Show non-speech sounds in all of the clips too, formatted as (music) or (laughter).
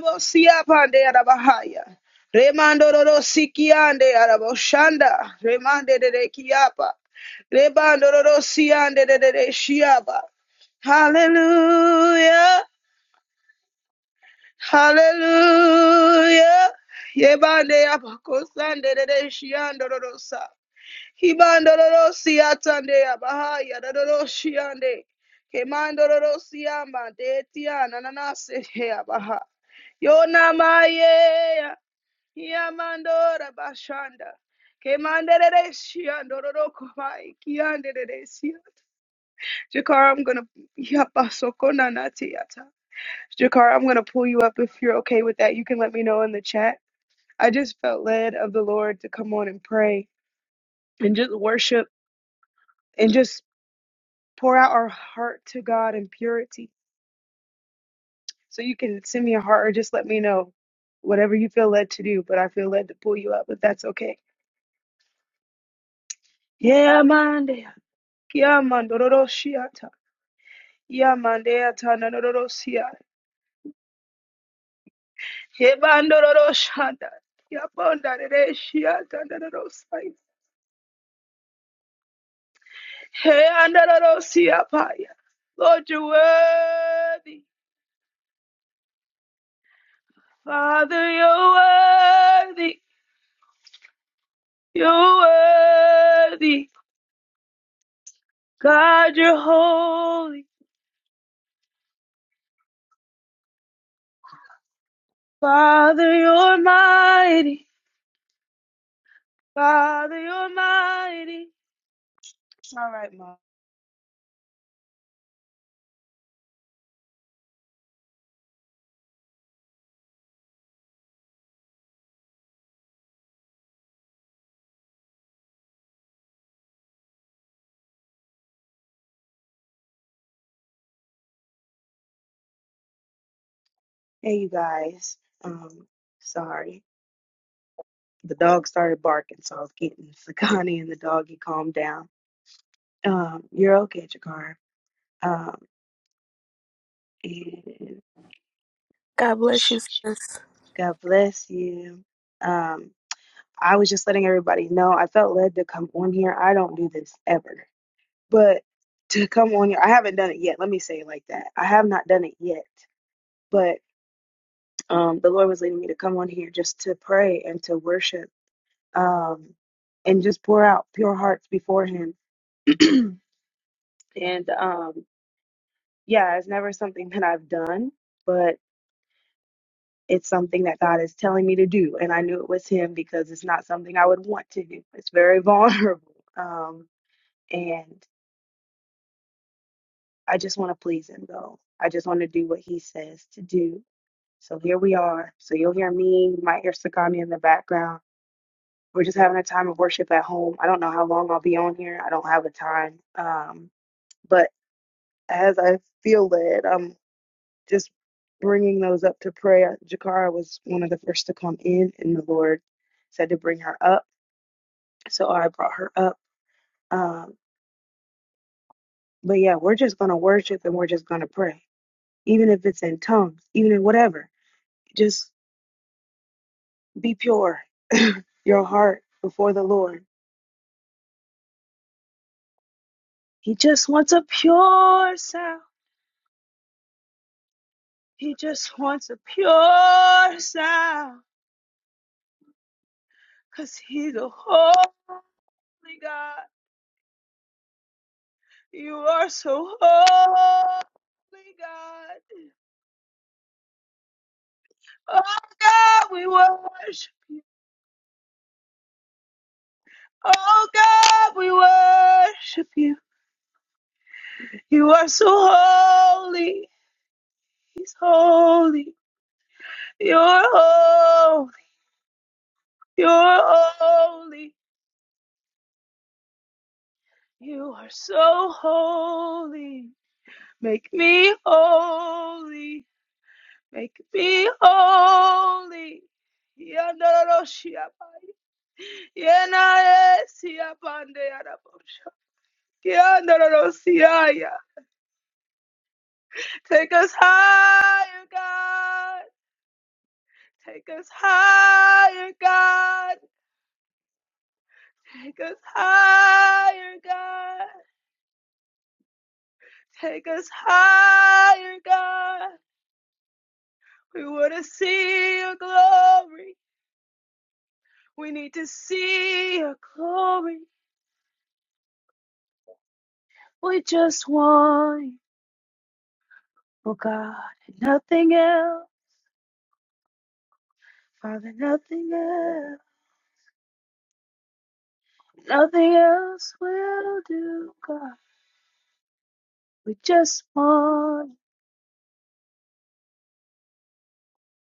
Bosiapande Arabahaya. Remando Roro Sikiande Araboshanda. Remande de de Kiapa. Rebando Roro Siande de de de Shiaba. Hallelujah. Hallelujah. Yebande Abakosande de de Shiando Rorosa. Hibando Roro Siatande Abahaya Roro Shiande. Kemando Roro Siamba de Tiana Nanase Abaha. Yo namaye Yamandora Bashanda. Kemanderere Shiandororo Komai Kianderere Sia. Jakar, I'm gonna Yapasokona Natiata. Jakar, I'm gonna pull you up if you're okay with that. You can let me know in the chat. I just felt led of the Lord to come on and pray and just worship and just pour out our heart to God in purity. So you can send me a heart or just let me know. Whatever you feel led to do, but I feel led to pull you up if that's okay. Yeah, Monday. Yamandororo shiata. Yamandea tanadororo siya. Hebandororo shanda. Yapondare shiata nadororo sai. Hey andororo siya paya. Lord, you're worthy. Father, you're worthy. You're worthy. God, you're holy. Father, you're mighty. Father, you're mighty. All right, Mom. Hey, you guys. Um, sorry. The dog started barking, so I was getting (laughs) Sakani and the doggy calmed down. Um, you're okay, Jakar. Um, and God bless you, sis. (laughs) God bless you. Um, I was just letting everybody know. I felt led to come on here. I don't do this ever, but to come on here, I haven't done it yet. Let me say it like that. I have not done it yet, but um, the Lord was leading me to come on here just to pray and to worship, um, and just pour out pure hearts before Him. (clears throat) and um, yeah, it's never something that I've done, but it's something that God is telling me to do. And I knew it was Him because it's not something I would want to do. It's very (laughs) vulnerable. Um, and I just want to please Him, though. I just want to do what He says to do. So here we are. So you'll hear me, my air Sakami in the background. We're just having a time of worship at home. I don't know how long I'll be on here. I don't have a time. Um, but as I feel led, just bringing those up to prayer. Jakara was one of the first to come in, and the Lord said to bring her up. So I brought her up. Um, but yeah, we're just going to worship and we're just going to pray, even if it's in tongues, even in whatever. Just be pure, your heart before the Lord. He just wants a pure sound. He just wants a pure sound because He's a holy God. You are so holy, God. Oh God, we worship you. Oh God, we worship you. You are so holy. He's holy. You're holy. You're holy. You are so holy. Make me holy. Make me holy. Yandaroshiaba. Yenaresiabandeyarabosha. Yandarosiaya. Take us higher, God. Take us higher, God. Take us higher, God. Take us higher, God. We want to see your glory. We need to see your glory. We just want you, oh God, and nothing else. Father, nothing else. Nothing else will do, God. We just want you,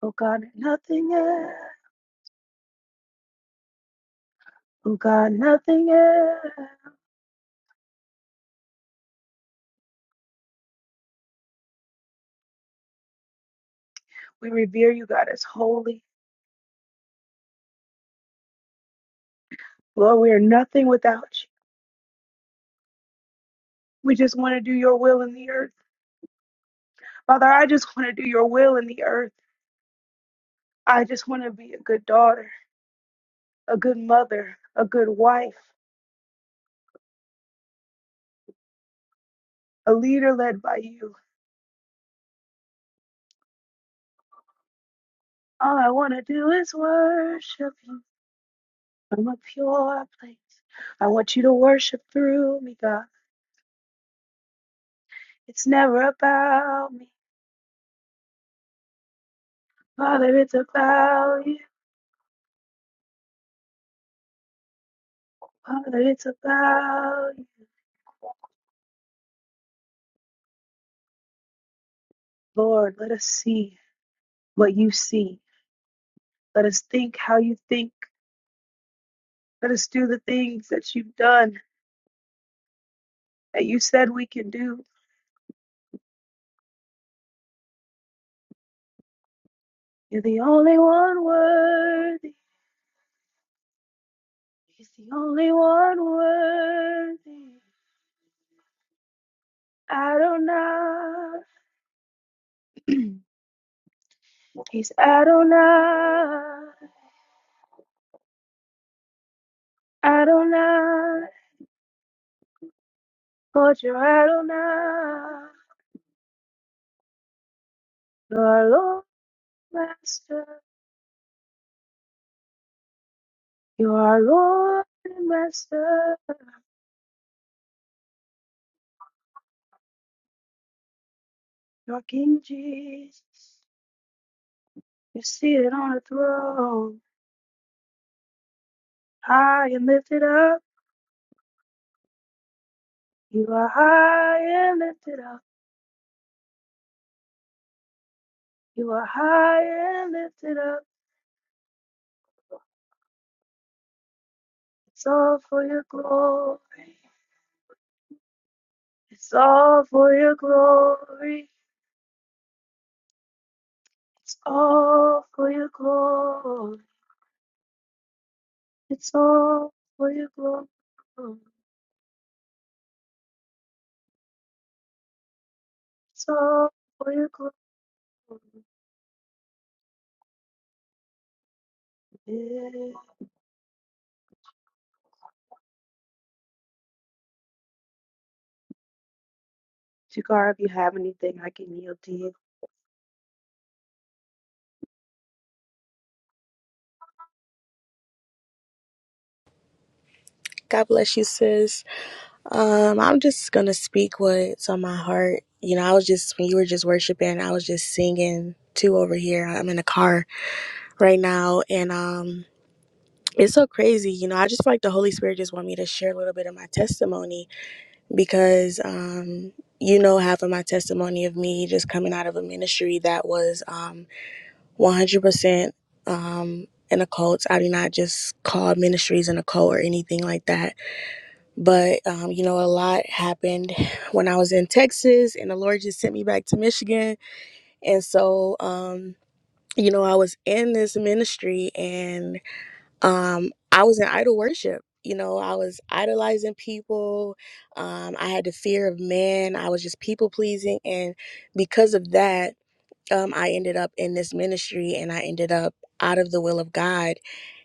oh God, and nothing else. Oh God, nothing else. We revere you, God, as holy. Lord, we are nothing without you. We just want to do your will in the earth. Father, I just want to do your will in the earth. I just want to be a good daughter, a good mother, a good wife, a leader led by you. All I want to do is worship you from a pure place. I want you to worship through me, God. It's never about me. Father, it's about you. Father, it's about you. Lord, let us see what you see. Let us think how you think. Let us do the things that you've done, that you said we can do. You're the only one worthy. He's the only one worthy. Adonai. (clears throat) He's Adonai. Adonai. Lord, you're Adonai. You're our Lord, and Master. You're our Lord and Master. You're King Jesus. You're seated on a throne, high and lifted up. You are high and lifted up. You are high and lifted up. It's all for your glory. It's all for your glory. It's all for your glory. It's all for your glory. It's all for your glory. Yeah. Shakara, if you have anything, I can yield to you. God bless you, sis. Um, I'm just gonna speak what's on my heart. You know, I was just when you were just worshiping, I was just singing too over here. I'm in a car right now, and um, it's so crazy. You know, I just feel like the Holy Spirit just want me to share a little bit of my testimony because um, you know, half of my testimony of me just coming out of a ministry that was um 100% um an occult. I do not just call ministries an occult or anything like that But, um, you know, a lot happened when I was in Texas, and the Lord just sent me back to Michigan. And so, um, you know, I was in this ministry and um, I was in idol worship. You know, I was idolizing people. Um, I had the fear of man. I was just people pleasing. And because of that, um, I ended up in this ministry and I ended up out of the will of God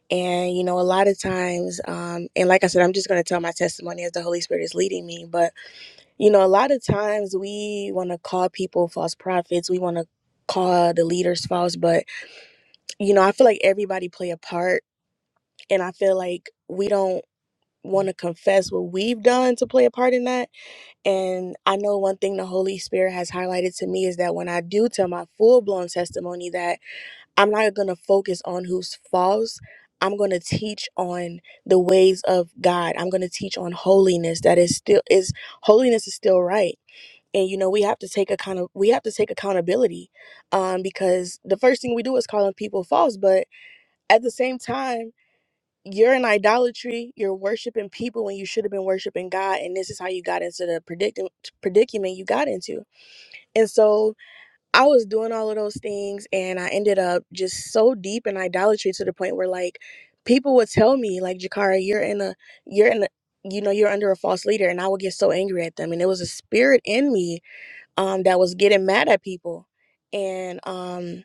and, you know, a lot of times, um, and like I said, I'm just going to tell my testimony as the Holy Spirit is leading me. But, you know, a lot of times we want to call people false prophets. We want to call the leaders false. But, you know, I feel like everybody play a part. And I feel like we don't want to confess what we've done to play a part in that. And I know one thing the Holy Spirit has highlighted to me is that when I do tell my full blown testimony, that I'm not going to focus on who's false. I'm going to teach on the ways of God. I'm going to teach on holiness that is still is holiness is still right. And you know, we have to take account of, we have to take accountability um because the first thing we do is calling people false, but at the same time you're in idolatry. You're worshiping people when you should have been worshiping God, and this is how you got into the predicament predicament you got into. And so, I was doing all of those things and I ended up just so deep in idolatry to the point where like people would tell me like Jakara you're in a you're in a you know you're under a false leader and I would get so angry at them and it was a spirit in me um that was getting mad at people and um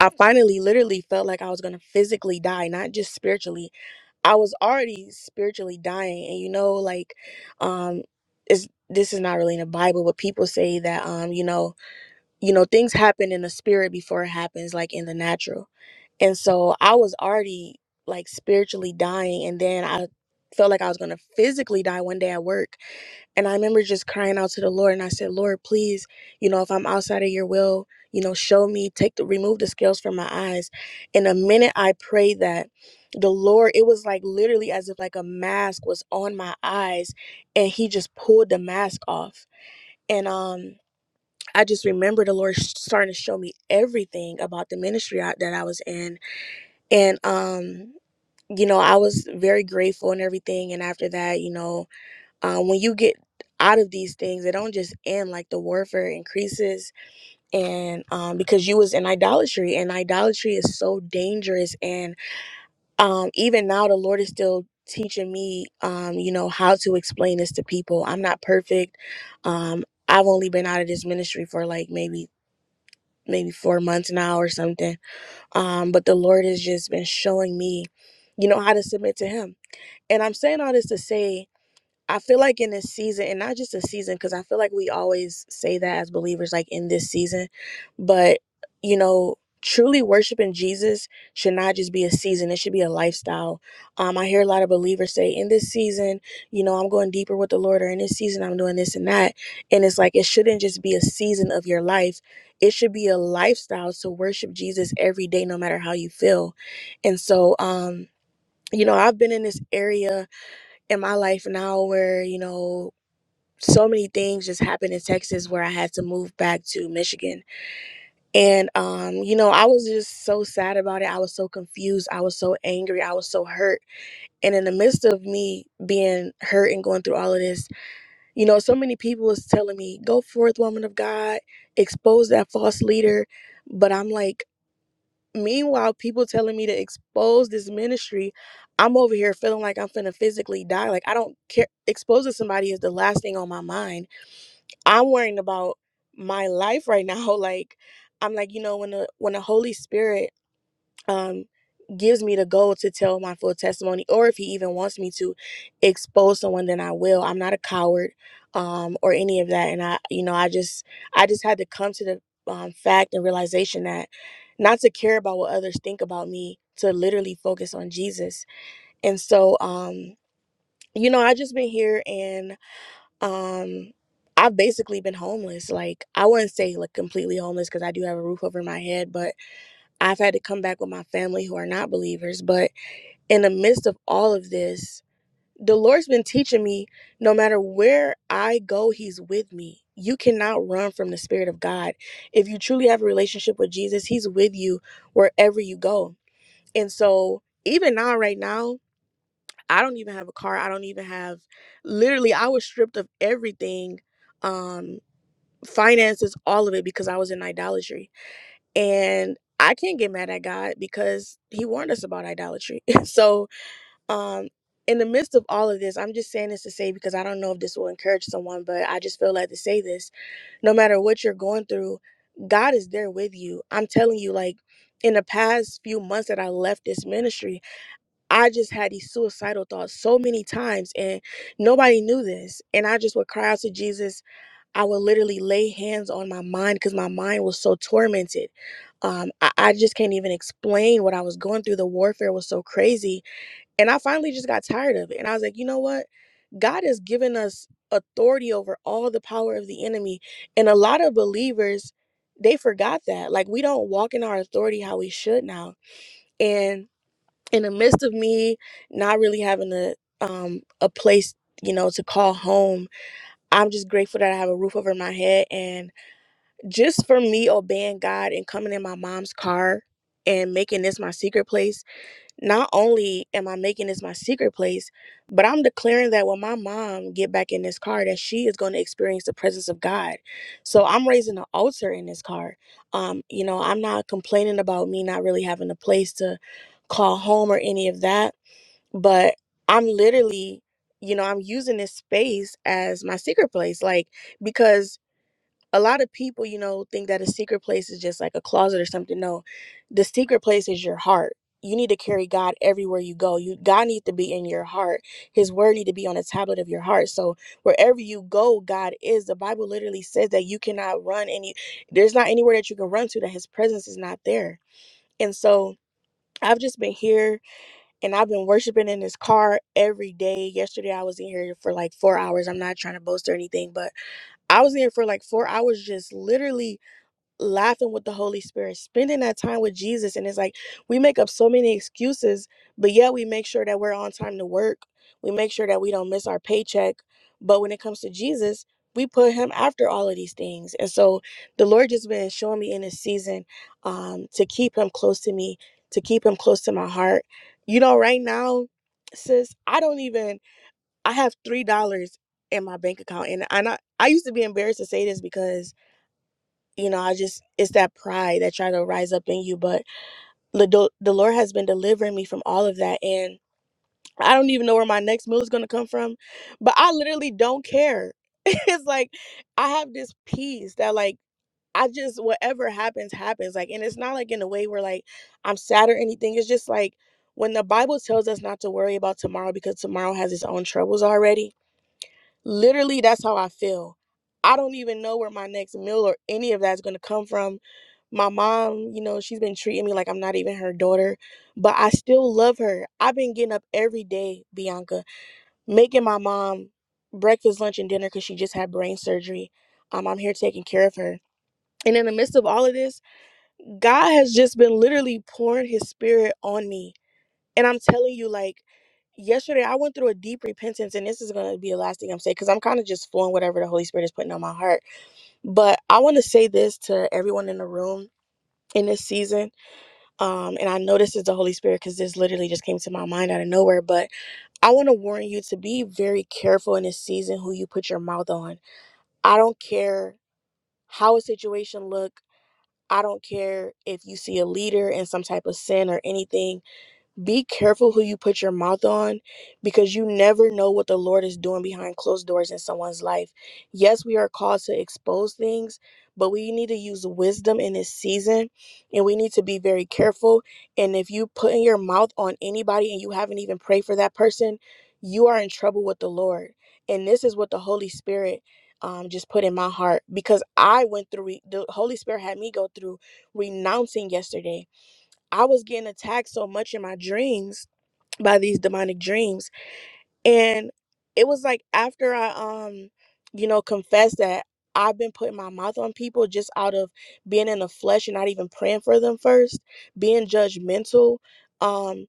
I finally literally felt like I was going to physically die not just spiritually I was already spiritually dying and you know like um it's this is not really in the Bible but people say that um you know you know things happen in the spirit before it happens like in the natural and so i was already like spiritually dying and then i felt like i was going to physically die one day at work and i remember just crying out to the lord and i said lord please you know if i'm outside of your will you know show me take the remove the scales from my eyes and the minute i prayed that the lord it was like literally as if like a mask was on my eyes and he just pulled the mask off and um I just remember the Lord starting to show me everything about the ministry I, that I was in. And, um, you know, I was very grateful and everything. And after that, you know, um, when you get out of these things, they don't just end like the warfare increases. And um, because you was in idolatry and idolatry is so dangerous. And um, even now the Lord is still teaching me, um, you know, how to explain this to people. I'm not perfect. Um, I've only been out of this ministry for like maybe maybe four months now or something. Um, but the Lord has just been showing me, you know, how to submit to Him. And I'm saying all this to say I feel like in this season, and not just a season, because I feel like we always say that as believers, like in this season, but you know, truly worshiping Jesus should not just be a season; it should be a lifestyle. Um, I hear a lot of believers say, "In this season, you know, I'm going deeper with the Lord," or "In this season, I'm doing this and that," and it's like it shouldn't just be a season of your life; it should be a lifestyle to worship Jesus every day, no matter how you feel. And so, um, you know, I've been in this area in my life now where, you know, so many things just happened in Texas where I had to move back to Michigan. And um, you know, I was just so sad about it. I was so confused. I was so angry. I was so hurt. And in the midst of me being hurt and going through all of this, you know, so many people was telling me, "Go forth, woman of God, expose that false leader." But I'm like, Meanwhile, people telling me to expose this ministry, I'm over here feeling like I'm finna physically die. Like I don't care. Exposing somebody is the last thing on my mind. I'm worrying about my life right now. (laughs) Like I'm like, you know, when the when the Holy Spirit um gives me the goal to tell my full testimony or if he even wants me to expose someone then I will. I'm not a coward um or any of that and I you know I just I just had to come to the um fact and realization that not to care about what others think about me to literally focus on Jesus. And so um you know I just been here and um I've basically been homeless. Like I wouldn't say like completely homeless cuz I do have a roof over my head, but I've had to come back with my family who are not believers, but in the midst of all of this, the Lord's been teaching me no matter where I go, He's with me. You cannot run from the Spirit of God. If you truly have a relationship with Jesus, He's with you wherever you go. And so, even now, right now, I don't even have a car. I don't even have literally, I was stripped of everything um, finances, all of it because I was in idolatry and I can't get mad at God because he warned us about idolatry. (laughs) so, um in the midst of all of this, I'm just saying this to say because I don't know if this will encourage someone, but I just feel like to say this. No matter what you're going through, God is there with you. I'm telling you like in the past few months that I left this ministry, I just had these suicidal thoughts so many times and nobody knew this. And I just would cry out to Jesus I would literally lay hands on my mind because my mind was so tormented. Um, I, I just can't even explain what I was going through. The warfare was so crazy. And I finally just got tired of it. And I was like, you know what? God has given us authority over all the power of the enemy. And a lot of believers, they forgot that. Like, we don't walk in our authority how we should now. And in the midst of me not really having a, um, a place, you know, to call home, I'm just grateful that I have a roof over my head. And just for me obeying God and coming in my mom's car and making this my secret place, not only am I making this my secret place, but I'm declaring that when my mom get back in this car that she is going to experience the presence of God. So I'm raising an altar in this car. Um, you know, I'm not complaining about me not really having a place to call home or any of that, but I'm literally, you know, I'm using this space as my secret place like because a lot of people, you know, think that a secret place is just like a closet or something. No, the secret place is your heart. You need to carry God everywhere you go. You God needs to be in your heart. His word need to be on a tablet of your heart. So wherever you go, God is. The Bible literally says that you cannot run any there's not anywhere that you can run to that his presence is not there. And so I've just been here and I've been worshiping in this car every day. Yesterday I was in here for like four hours. I'm not trying to boast or anything, but I was in here for like four hours just literally laughing with the Holy Spirit, spending that time with Jesus. And it's like we make up so many excuses, but yet we make sure that we're on time to work. We make sure that we don't miss our paycheck. But when it comes to Jesus, we put him after all of these things. And so the Lord just been showing me in this season um, to keep him close to me, to keep him close to my heart. You know, right now, sis, I don't even, I have $3 in my bank account. And I, I used to be embarrassed to say this because you know, I just it's that pride that try to rise up in you. But the the Lord has been delivering me from all of that, and I don't even know where my next meal is gonna come from. But I literally don't care. (laughs) it's like I have this peace that like I just whatever happens happens. Like, and it's not like in a way where like I'm sad or anything. It's just like when the Bible tells us not to worry about tomorrow because tomorrow has its own troubles already. Literally, that's how I feel. I don't even know where my next meal or any of that's gonna come from my mom, you know, she's been treating me like I'm not even her daughter, but I still love her. I've been getting up every day, Bianca, making my mom breakfast, lunch, and dinner because she just had brain surgery. Um, I'm here taking care of her. And in the midst of all of this, God has just been literally pouring his spirit on me. And I'm telling you, like, yesterday I went through a deep repentance, and this is going to be the last thing I'm saying because I'm kind of just flowing whatever the Holy Spirit is putting on my heart. But I want to say this to everyone in the room in this season um, and I know this is the Holy Spirit because this literally just came to my mind out of nowhere. But I want to warn you to be very careful in this season who you put your mouth on. I don't care how a situation look. I don't care if you see a leader in some type of sin or anything be careful who you put your mouth on because you never know what the Lord is doing behind closed doors in someone's life. Yes, we are called to expose things, but we need to use wisdom in this season and we need to be very careful. And if you put in your mouth on anybody and you haven't even prayed for that person, you are in trouble with the Lord. And this is what the Holy Spirit um, just put in my heart because I went through, re- the Holy Spirit had me go through renouncing yesterday I was getting attacked so much in my dreams by these demonic dreams. And it was like after I um, you know, confessed that I've been putting my mouth on people just out of being in the flesh and not even praying for them first, being judgmental. Um,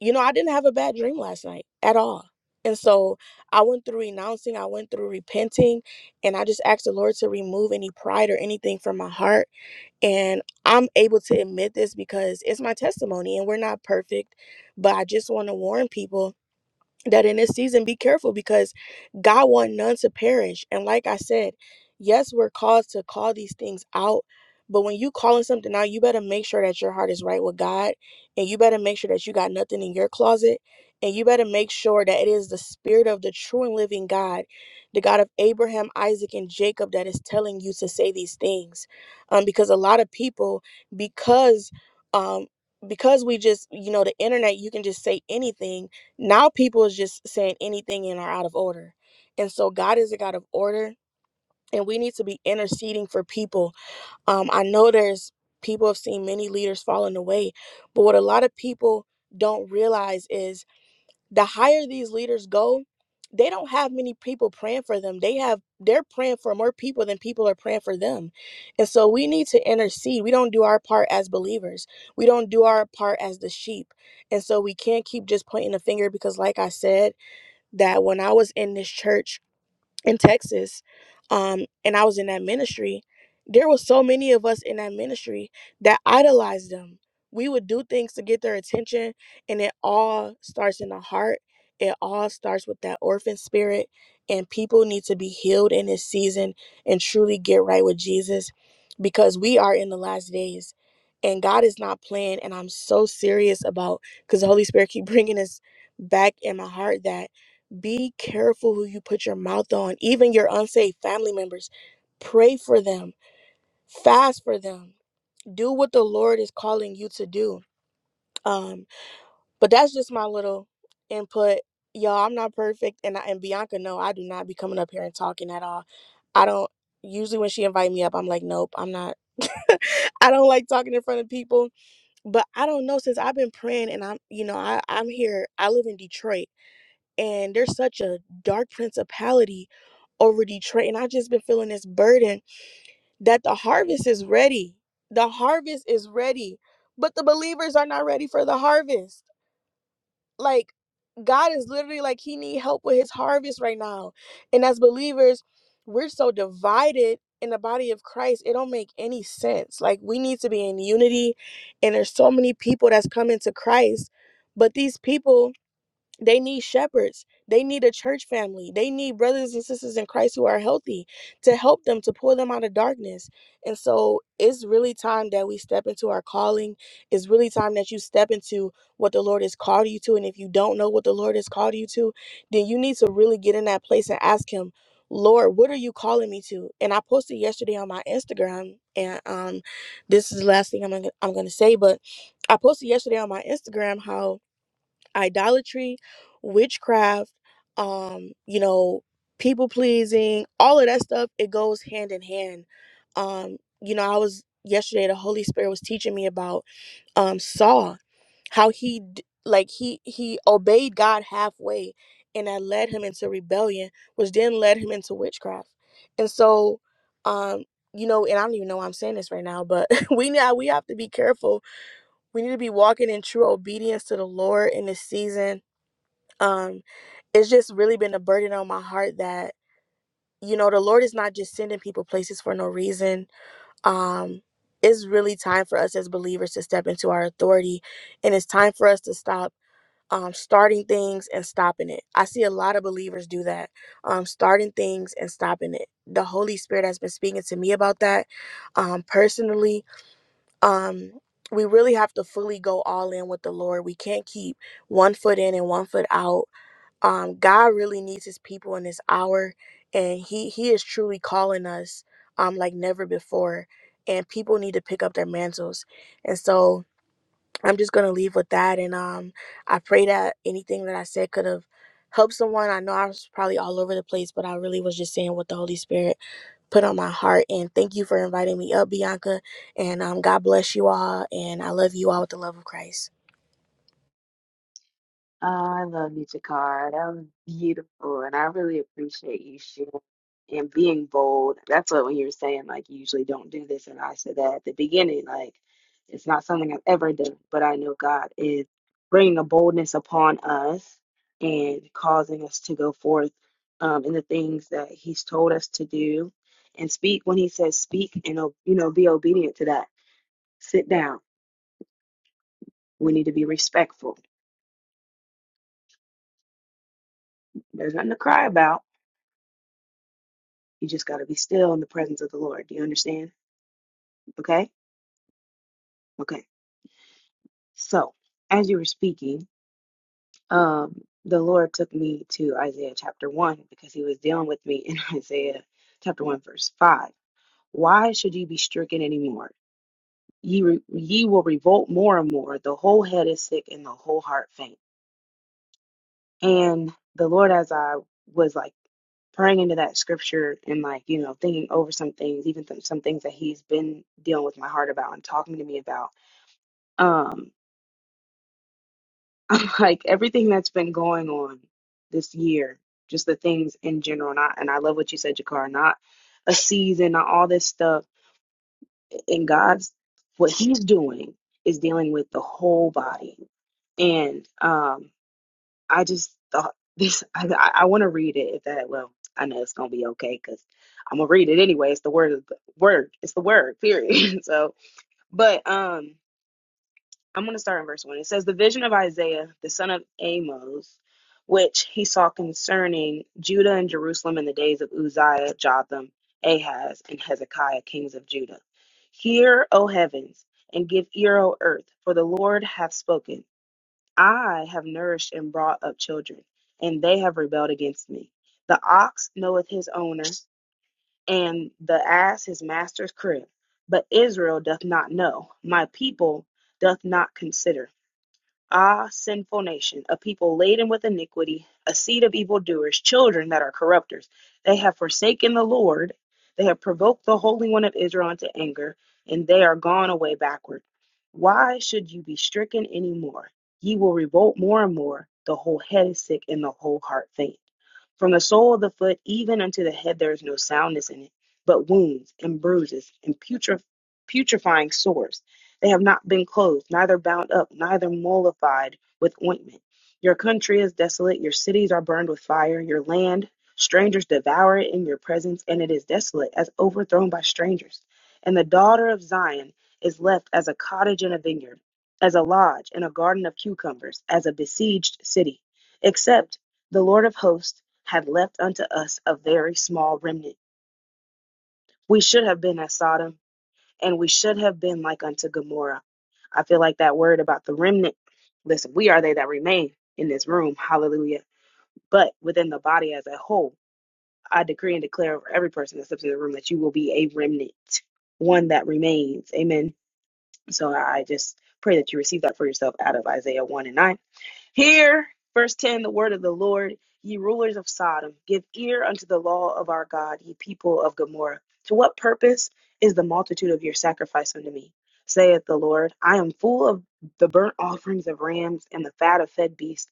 you know, I didn't have a bad dream last night at all. And so I went through renouncing, I went through repenting, and I just asked the Lord to remove any pride or anything from my heart and I'm able to admit this because it's my testimony and we're not perfect, but I just want to warn people that in this season be careful because God want none to perish. And like I said, yes, we're called to call these things out, but when you calling something out, you better make sure that your heart is right with God, and you better make sure that you got nothing in your closet, and you better make sure that it is the spirit of the true and living God, the God of Abraham, Isaac, and Jacob that is telling you to say these things. Um, because a lot of people, because um because we just you know the internet you can just say anything now people is just saying anything and are out of order. And so God is a God of order and we need to be interceding for people. Um, I know there's people have seen many leaders falling away, but what a lot of people don't realize is the higher these leaders go, they don't have many people praying for them. They have they're praying for more people than people are praying for them. And so we need to intercede. We don't do our part as believers. We don't do our part as the sheep. And so we can't keep just pointing the finger because like I said, that when I was in this church in Texas, um, and I was in that ministry, there was so many of us in that ministry that idolized them. We would do things to get their attention, and it all starts in the heart. It all starts with that orphan spirit, and people need to be healed in this season and truly get right with Jesus because we are in the last days and God is not playing. And I'm so serious about because the Holy Spirit keep (laughs) bringing us back in my heart that be careful who you put your mouth on, even your unsaved family members. Pray for them, fast for them, do what the Lord is calling you to do. Um, but that's just my little input. Y'all, I'm not perfect, and I, and Bianca, no, I do not be coming up here and talking at all. I don't usually when she invite me up, I'm like, nope, I'm not. (laughs) I don't like talking in front of people, but I don't know since I've been praying and I'm, you know, I I'm here. I live in Detroit and there's such a dark principality over Detroit. And I just been feeling this burden that the harvest is ready. The harvest is ready, but the believers are not ready for the harvest. Like God is literally like He need help with His harvest right now. And as believers, we're so divided in the body of Christ. It don't make any sense. Like we need to be in unity. And there's so many people that's coming to Christ, but these people they need shepherds. They need a church family. They need brothers and sisters in Christ who are healthy to help them, to pull them out of darkness. And so it's really time that we step into our calling. It's really time that you step into what the Lord has called you to. And if you don't know what the Lord has called you to, then you need to really get in that place and ask Him, Lord, what are you calling me to? And I posted yesterday on my Instagram, and um, this is the last thing I'm gonna, I'm gonna say, but I posted yesterday on my Instagram how idolatry, witchcraft, um, you know, people pleasing, all of that stuff, it goes hand in hand. Um, you know, I was yesterday the Holy Spirit was teaching me about um Saul, how he d- like he he obeyed God halfway and that led him into rebellion, which then led him into witchcraft. And so um you know, and I don't even know why I'm saying this right now, but (laughs) we now we have to be careful we need to be walking in true obedience to the Lord in this season. Um, it's just really been a burden on my heart that you know the Lord is not just sending people places for no reason. Um, it's really time for us as believers to step into our authority, and it's time for us to stop. Um, starting things and stopping it. I see a lot of believers do that. Um, starting things and stopping it. The Holy Spirit has been speaking to me about that um, personally um we really have to fully go all in with the lord we can't keep one foot in and one foot out um god really needs his people in this hour and he he is truly calling us um like never before and people need to pick up their mantles and so i'm just gonna leave with that and um i pray that anything that i said could have helped someone i know i was probably all over the place but i really was just saying what the holy spirit put on my heart. And thank you for inviting me up, Bianca. And um, God bless you all. And I love you all with the love of Christ. Oh, I love you, Takara. That was beautiful, and I really appreciate you sharing and being bold. That's what when you were saying like you usually don't do this, and I said that at the beginning, like it's not something I've ever done, but I know God is bringing a boldness upon us and causing us to go forth um, in the things that He's told us to do and speak when He says speak, and you know be obedient to that. Sit down. We need to be respectful. There's nothing to cry about You just got to be still in the presence of the Lord. Do you understand? Okay? Okay. So, as you were speaking, um, the Lord took me to Isaiah chapter 1 because he was dealing with me in (laughs) Isaiah chapter 1, verse 5. Why should ye be stricken anymore? Ye, re- ye will revolt more and more. The whole head is sick and the whole heart faint. And the Lord, as I was like praying into that scripture and like you know thinking over some things even th- some things that he's been dealing with my heart about and talking to me about Um, (laughs) I'm like everything that's been going on this year, just the things in general. Not, and I and I love what you said, Jakar. Not a season, not all this stuff. In God's, what He's doing is dealing with the whole body. And um, I just thought (laughs) this. I, I, I want to read it. If that, well, I know it's gonna be okay because I'm gonna read it anyway. It's the word of the word. It's the word. Period. (laughs) so, but um. I'm going to start in verse 1. It says, The vision of Isaiah, the son of Amos, which he saw concerning Judah and Jerusalem in the days of Uzziah, Jotham, Ahaz, and Hezekiah, kings of Judah. Hear, O heavens, and give ear, O earth, for the Lord hath spoken. I have nourished and brought up children, and they have rebelled against me. The ox knoweth his owner, and the ass his master's crib. But Israel doth not know, my people doth not consider. Ah, sinful nation, a people laden with iniquity, a seed of evildoers, children that are corrupters. They have forsaken the Lord. They have provoked the Holy One of Israel unto anger, and they are gone away backward. Why should you be stricken any more? Ye will revolt more and more. The whole head is sick, and the whole heart faint. From the sole of the foot even unto the head there is no soundness in it, but wounds and bruises and putre- putrefying sores. They have not been clothed, neither bound up, neither mollified with ointment. Your country is desolate, your cities are burned with fire, your land, strangers devour it in your presence, and it is desolate, as overthrown by strangers. And the daughter of Zion is left as a cottage in a vineyard, as a lodge in a garden of cucumbers, as a besieged city. Except the Lord of hosts had left unto us a very small remnant. We should have been as Sodom and we should have been like unto Gomorrah. I feel like that word about the remnant. Listen, we are they that remain in this room. Hallelujah. But within the body as a whole, I decree and declare over every person that steps in the room that you will be a remnant, one that remains. Amen. So I just pray that you receive that for yourself out of Isaiah 1 and 9 Hear, verse 10, the word of the Lord, ye rulers of Sodom. Give ear unto the law of our God, ye people of Gomorrah. To what purpose is the multitude of your sacrifice unto me? Saith the Lord, I am full of the burnt offerings of rams and the fat of fed beasts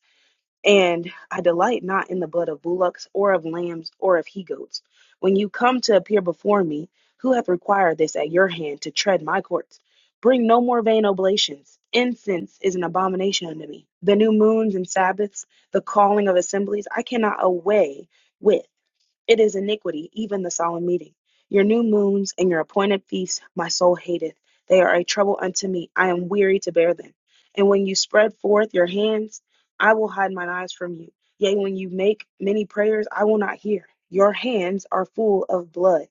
and I delight not in the blood of bullocks or of lambs or of he goats. When you come to appear before me, who hath required this at your hand to tread my courts? Bring no more vain oblations. Incense is an abomination unto me. The new moons and Sabbaths, the calling of assemblies, I cannot away with. It is iniquity, even the solemn meeting. Your new moons and your appointed feasts my soul hateth. They are a trouble unto me. I am weary to bear them. And when you spread forth your hands, I will hide mine eyes from you. Yea, when you make many prayers, I will not hear. Your hands are full of blood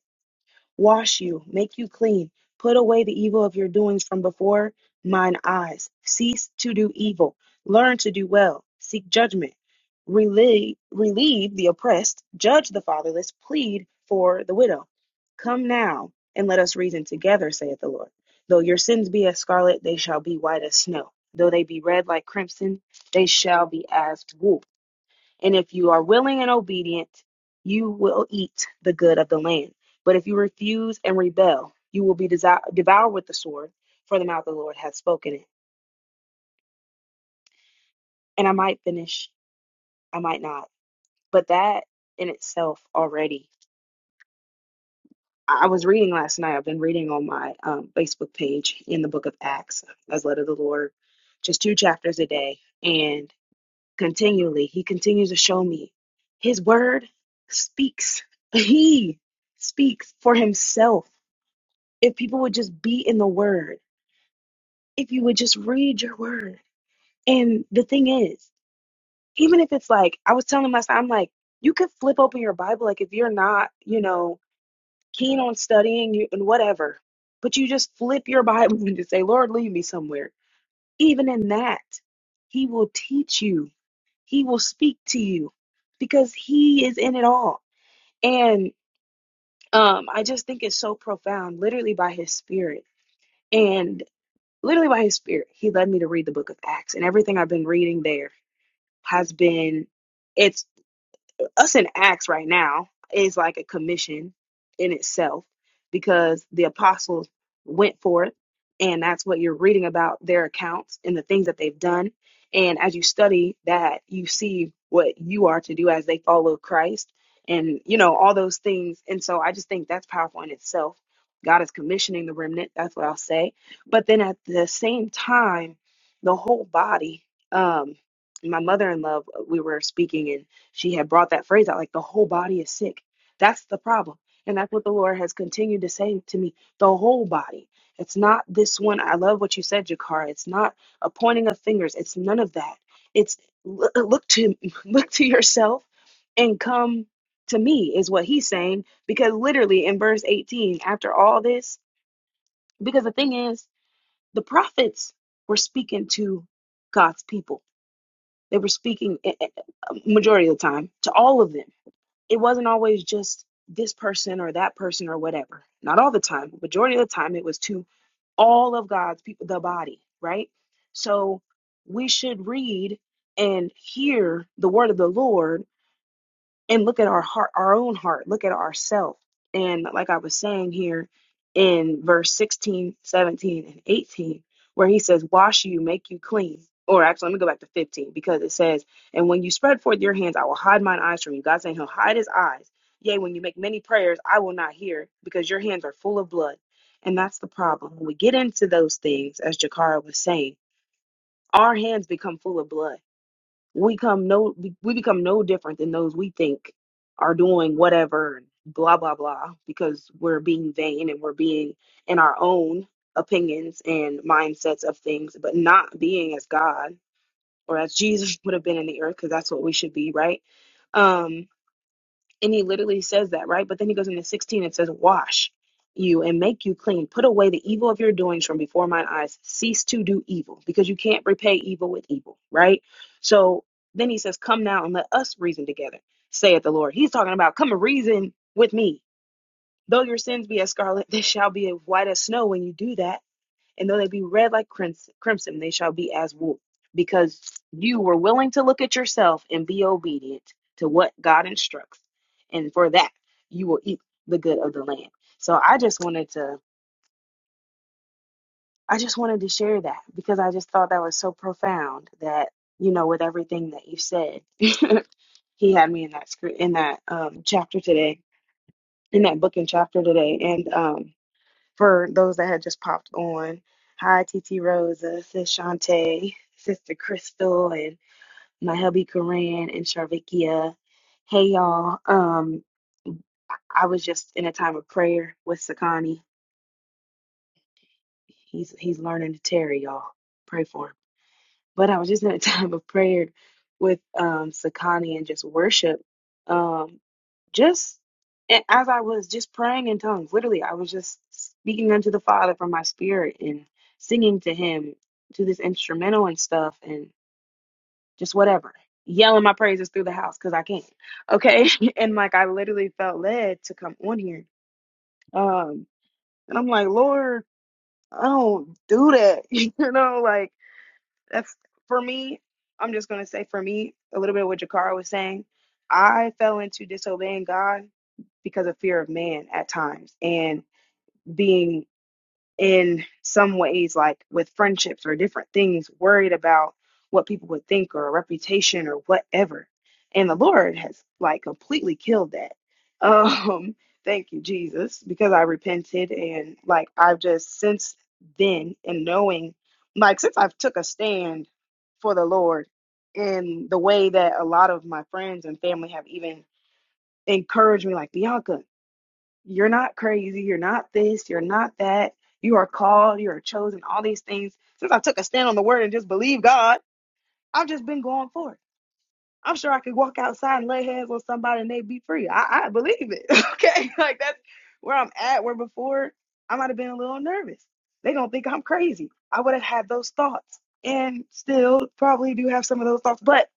wash you, make you clean, put away the evil of your doings from before mine eyes. Cease to do evil, learn to do well, seek judgment, relieve, relieve the oppressed, judge the fatherless, plead for the widow. Come now and let us reason together, saith the Lord. Though your sins be as scarlet, they shall be white as snow. Though they be red like crimson, they shall be as wool. And if you are willing and obedient, you will eat the good of the land. But if you refuse and rebel, you will be desi- devoured with the sword, for the mouth of the Lord hath spoken it. And I might finish, I might not. But that in itself already. I was reading last night. I've been reading on my um, Facebook page in the book of Acts, as led of the Lord, just two chapters a day. and. continually. He continues to show me his word speaks. He speaks for himself. If people would just be in the word, if you would just read your word. And the thing is, even if it's like, I was telling myself, I'm like, you could flip open your Bible. Like, if you're not, you know, keen on studying you and whatever, but you just flip your Bible (laughs) and just say, Lord, lead me somewhere. Even in that, he will teach you He will speak to you because He is in it all. And um, I just think it's so profound, literally by His Spirit. And literally by His Spirit, He led me to read the book of Acts. And everything I've been reading there has been. its us in Acts right now is like a commission in itself because the apostles went forth and that's what you're reading about their accounts and the things that they've done. And as you study that, you see what you are to do as they follow Christ and, you know, all those things. And so I just think that's powerful in itself. God is commissioning the remnant. That's what I'll say. But then at the same time, the whole body, um, my mother in law we were speaking she had brought that phrase out like the whole body is sick. That's the problem. And that's what the Lord has continued to say to me the whole body. It's not this one. I love what you said, Jakara. It's not a pointing of fingers. It's none of that. It's l- uh, look to (laughs) look to yourself and come to me is what he's saying because literally in verse 18 after all this because the thing is the prophets were speaking to God's people. They were speaking eh, eh, eh, majority of the time to all of them it wasn't always just this person or that person or whatever. Not all the time. Majority of the time, it was to all of God's people, the body, right? So we should read and hear the word of the Lord and look at our heart, our own heart, look at ourself. And like I was saying here in verse 16, 17, and 18, where he says, Wash you, make you clean. Or actually, let me go back to 15 because it says, And when you spread forth your hands, I will hide mine eyes from you. God's saying, He'll hide his eyes. Yea, when you make many prayers, I will not hear because your hands are full of blood. And that's the problem. When we get into those things, as Jakara was saying, our hands become full of blood we come no we we become no different than those we think are doing whatever blah blah blah because we're being vain and we're being in our own opinions and mindsets of things but not being as god or as jesus (laughs) would have been in the earth because that's what we should be right Um, and he literally says that, right? But then he goes into 16 and says, Wash you and make you clean. Put away the evil of your doings from before mine eyes. Cease to do evil because you can't repay evil with evil, right? So then he says, Come now and let us reason together, saith the Lord. He's talking about, Come and reason with me. Though your sins be as scarlet, (laughs) they shall be as white as snow when you do that and though they be red like crimson, crimson, they shall be as wool, because you were willing to look at yourself and be obedient to what God instructs, and for that you will eat the good of the land. So I just wanted to, I just wanted to share that because I just thought that was so profound that you know with everything that you said, (laughs) he had me in that script in that um, chapter today, in that book and chapter today, and um, for those that had just popped on. Hi, T T Rosa, Sis Shantae, Sister Crystal, and my hubby Coran and Sharvikia. Hey, y'all. Um, I I was just in a time of prayer with Sakani. He's he's learning to tarry, y'all. Pray for him. But I was just in a (laughs) time of prayer with um, Sakani and just worship. Um, just and as I was just praying in tongues, literally, I was just speaking unto the Father from my spirit and singing to Him to this instrumental and stuff and just whatever, yelling my praises through the house because I can. Okay. (laughs) and like, I literally felt led to come on here. Um, and I'm like, Lord, I don't do that. (laughs) you know, like, that's for me. I'm just gonna say for me a little bit of what Jakara was saying. I fell into disobeying God because of fear of man at times and being in some ways, like with friendships or different things, worried about what people would think or a reputation or whatever. And the Lord has like completely killed that. (laughs) Um, thank you, Jesus, because I repented and like I've just since then and knowing like since I've took a stand for the Lord in the way that a lot of my friends and family have even encouraged me, like Bianca, you're not crazy. You're not this. You're not that. You are called. You are chosen. All these things. Since I took a stand on the word and just believe God, I've just been going for it. I'm sure I could walk outside and lay hands on somebody and they'd be free. I, I believe it. (laughs) Okay. Like that's where I'm at. Where before I might have been a little nervous. They don't think I'm crazy. I would have had those thoughts and still probably do have some of those thoughts. But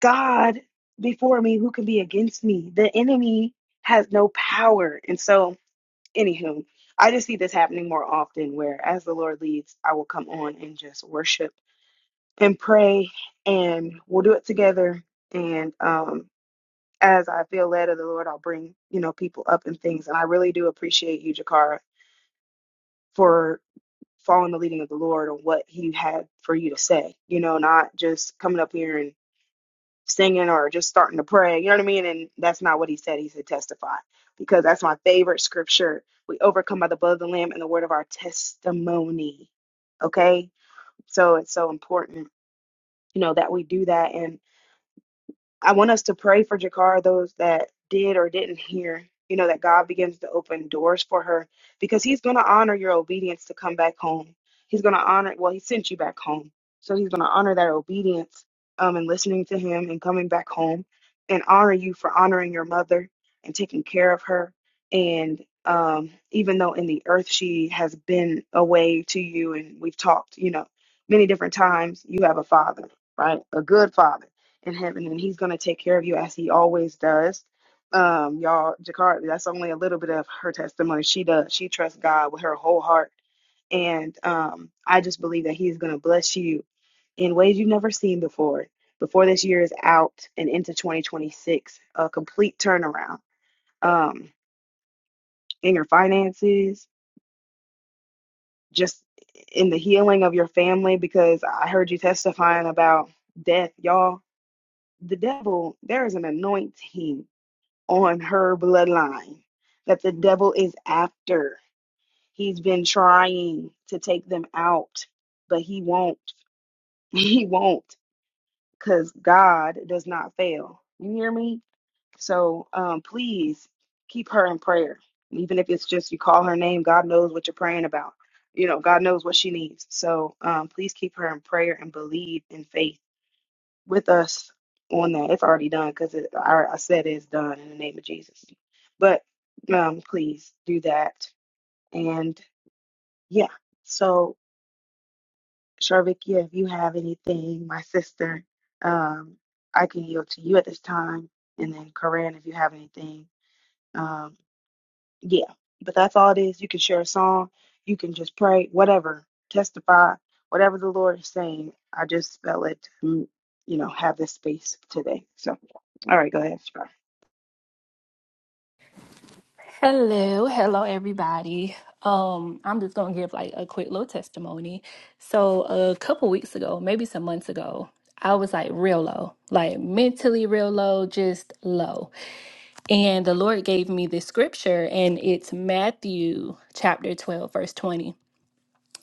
God before me, who can be against me? The enemy has no power. And so anywho, I just see this happening more often where as the Lord leads, I will come on and just worship and pray and we'll do it together. And um as I feel led of the Lord, I'll bring, you know, people up and things. And I really do appreciate you, Jakara, for following the leading of the Lord on what he had for you to say. You know, not just coming up here and. singing or just starting to pray. You know what I mean? And that's not what he said. He said testify because that's my favorite scripture. We overcome by the blood of the Lamb and the word of our testimony. Okay? So it's so important, you know, that we do that. and. I want us to pray for Jakar, those that did or didn't hear, you know, that God begins to open doors for her because He's going to honor your obedience to come back home. He's going to honor, well, He sent you back home. So He's going to honor that obedience um, and listening to Him and coming back home and honor you for honoring your mother and taking care of her. And um, even though in the earth she has been away to you and we've talked, you know, many different times, you have a father, right? A good father in heaven and he's going to take care of you as he always does um y'all jacquard that's only a little bit of her testimony she does she trusts god with her whole heart and um i just believe that he's going to bless you in ways you've never seen before before this year is out and into 2026 a complete turnaround um in your finances just in the healing of your family because i heard you testifying about death y'all the devil there is an anointing on her bloodline that the devil is after. He's been trying to take them out, but he won't. (laughs) He won't because God does not fail. You hear me? So um, please keep her in prayer. Even if it's just you call her name, God knows what you're praying about. You know, God knows what she needs. So um, please keep her in prayer and believe in faith with us on that. It's already done because it, I, I said it's done in the name of Jesus. But um, please do that. And yeah, so Sharvik, yeah, if you have anything, my sister, um, I can yield to you at this time. And then Corinne, if you have anything, um, yeah but that's all it is you can share a song you can just pray whatever testify whatever the lord is saying i just felt it to, you know have this space today so all right go ahead Shabbat. Hello, hello everybody. Um, I'm just gonna give like a quick little testimony. So a couple weeks ago, maybe some months ago, I was like real low, like mentally real low, just low. And the Lord gave me this scripture, and it's Matthew chapter 12, verse 20.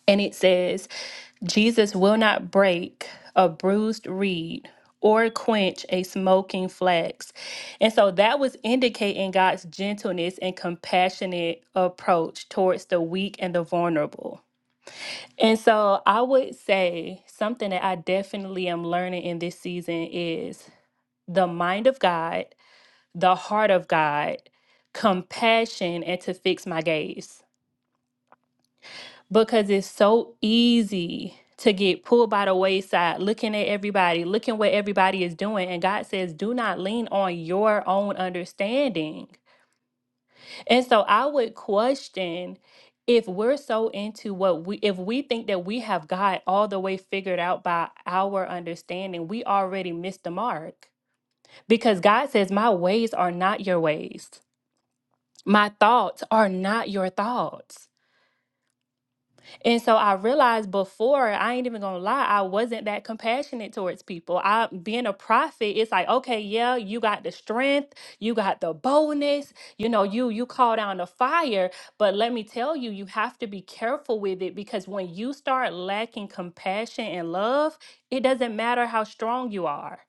And it says, Jesus will not break a bruised reed or quench a smoking flax. And so that was indicating God's gentleness and compassionate approach towards the weak and the vulnerable. And so I would say something that I definitely am learning in this season is the mind of God, the heart of God, compassion, and to fix my gaze. because it's so easy to get pulled by the wayside, looking at everybody, looking what everybody is doing. And God says, do not lean on your own understanding. And so I would question if we're so into what we, if we think that we have God all the way figured out by our understanding, we already missed the mark. Because God says, my ways are not your ways, my thoughts are not your thoughts. And so I realized before, I ain't even gonna lie, I wasn't that compassionate towards people. I being a prophet, it's like, okay, yeah, you got the strength, you got the boldness, you know, you you call down the fire. But let me tell you, you have to be careful with it because when you start lacking compassion and love, it doesn't matter how strong you are.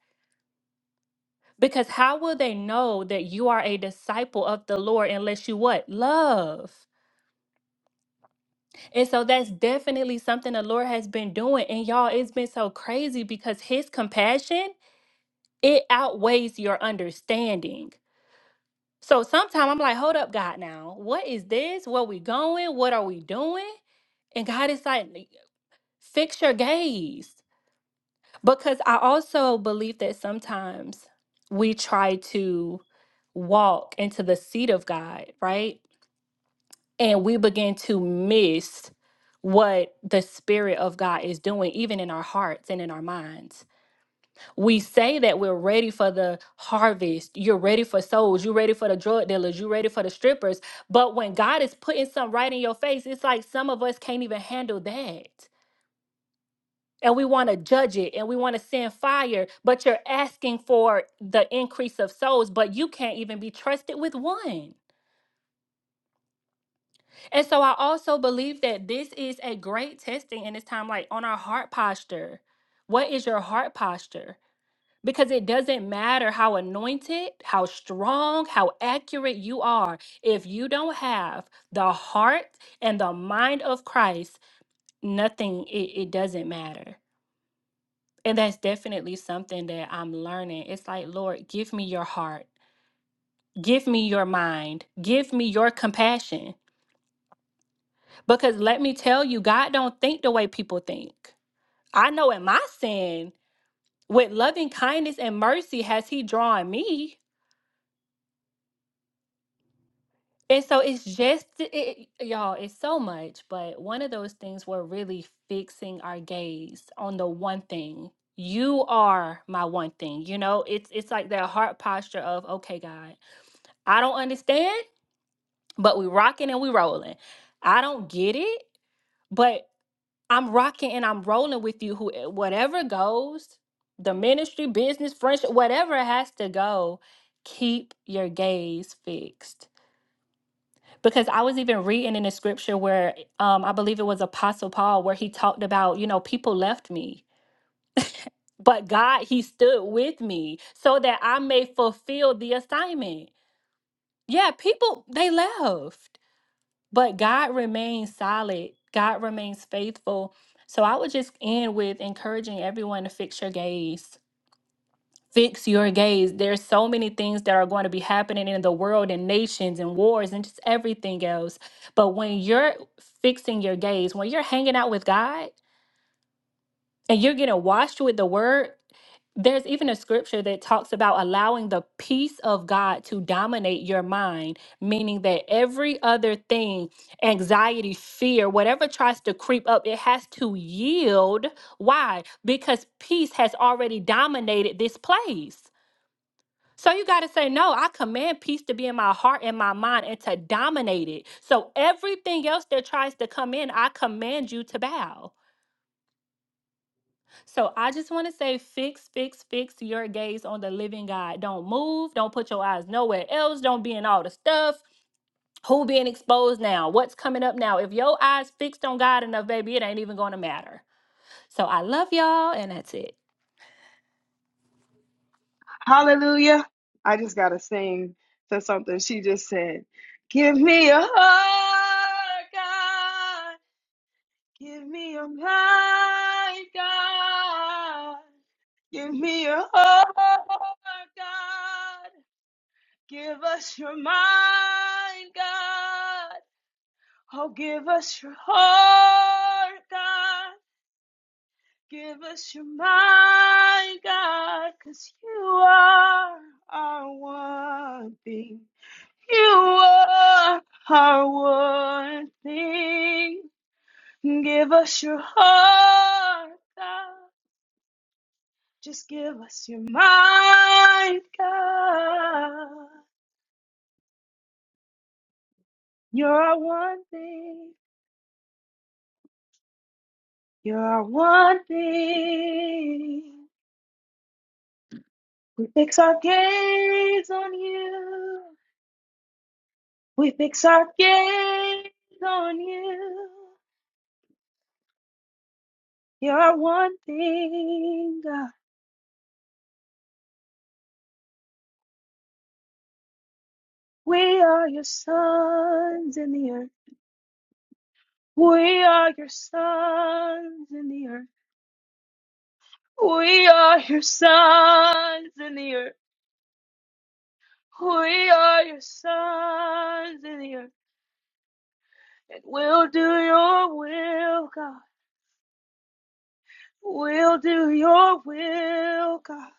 Because how will they know that you are a disciple of the Lord unless you what? Love. And so that's definitely something the Lord has been doing. And y'all, it's been so crazy because his compassion, it outweighs your understanding. So sometimes I'm like, hold up, God, now, what is this? Where we going? What are we doing? And God is like, fix your gaze. Because I also believe that sometimes we try to walk into the seat of God, right? and we begin to miss what the spirit of God is doing even in our hearts and in our minds. We say that we're ready for the harvest. You're ready for souls, you're ready for the drug dealers, you're ready for the strippers, but when God is putting something right in your face, it's like some of us can't even handle that. And we want to judge it and we want to send fire, but you're asking for the increase of souls, but you can't even be trusted with one. And so I also believe that this is a great testing in this time, like on our heart posture. What is your heart posture? Because it doesn't matter how anointed, how strong, how accurate you are. If you don't have the heart and the mind of Christ, nothing, it, it doesn't matter. And that's definitely something that I'm learning. It's like, Lord, give me your heart, give me your mind, give me your compassion Because let me tell you, God don't think the way people think. I know in my sin, with loving kindness and mercy has he drawn me. And so it's just it, it- y'all, it's so much, but one of those things where really fixing our gaze on the one thing. You are my one thing. You know, it's it's like that heart posture of, okay, God, I don't understand, but we rocking and we rolling. I don't get it, but. I'm rocking and I'm rolling with you. Who eh, whatever goes, the ministry, business, friendship, whatever has to go, keep your gaze fixed. Because I was even reading in the scripture where um, I believe it was Apostle Paul where he talked about, you know, people left me, but God, he stood with me so that I may fulfill the assignment. Yeah, people, they left. But God remains solid, God remains faithful. So I would just end with encouraging everyone to fix your gaze. Fix your gaze. There's so many things that are going to be happening in the world and nations and wars and just everything else. But when you're fixing your gaze, when you're hanging out with God, and you're getting washed with the word there's even a scripture that talks about allowing the peace of God to dominate your mind, meaning that every other thing, anxiety, fear, whatever tries to creep up, it has to yield. Why? Because peace has already dominated this place. So you got to say, no, I command peace to be in my heart and my mind and to dominate it. So everything else that tries to come in, I command you to bow. So I just want to say fix, fix, fix your gaze on the living God. Don't move. Don't put your eyes nowhere else. Don't be in all the stuff. Who being exposed now? What's coming up now? If your eyes fixed on God enough, baby, it ain't even gonna matter. So I love y'all and that's it. hallelujah i just gotta sing to something she just said give me a heart god give me a mind god give me a heart god Give us your mind, God. Oh, give us your heart, God. Give us your mind, God, 'cause you are our one thing. You are our one thing. Give us your heart, God. Just give us your mind, God. You're our one thing. You're one thing. We fix our gaze on you. We fix our gaze on you. You're one thing, God. We are your sons in the earth. We are your sons in the earth. We are your sons in the earth. We are your sons in the earth. And we'll do your will, God. We'll do your will, God.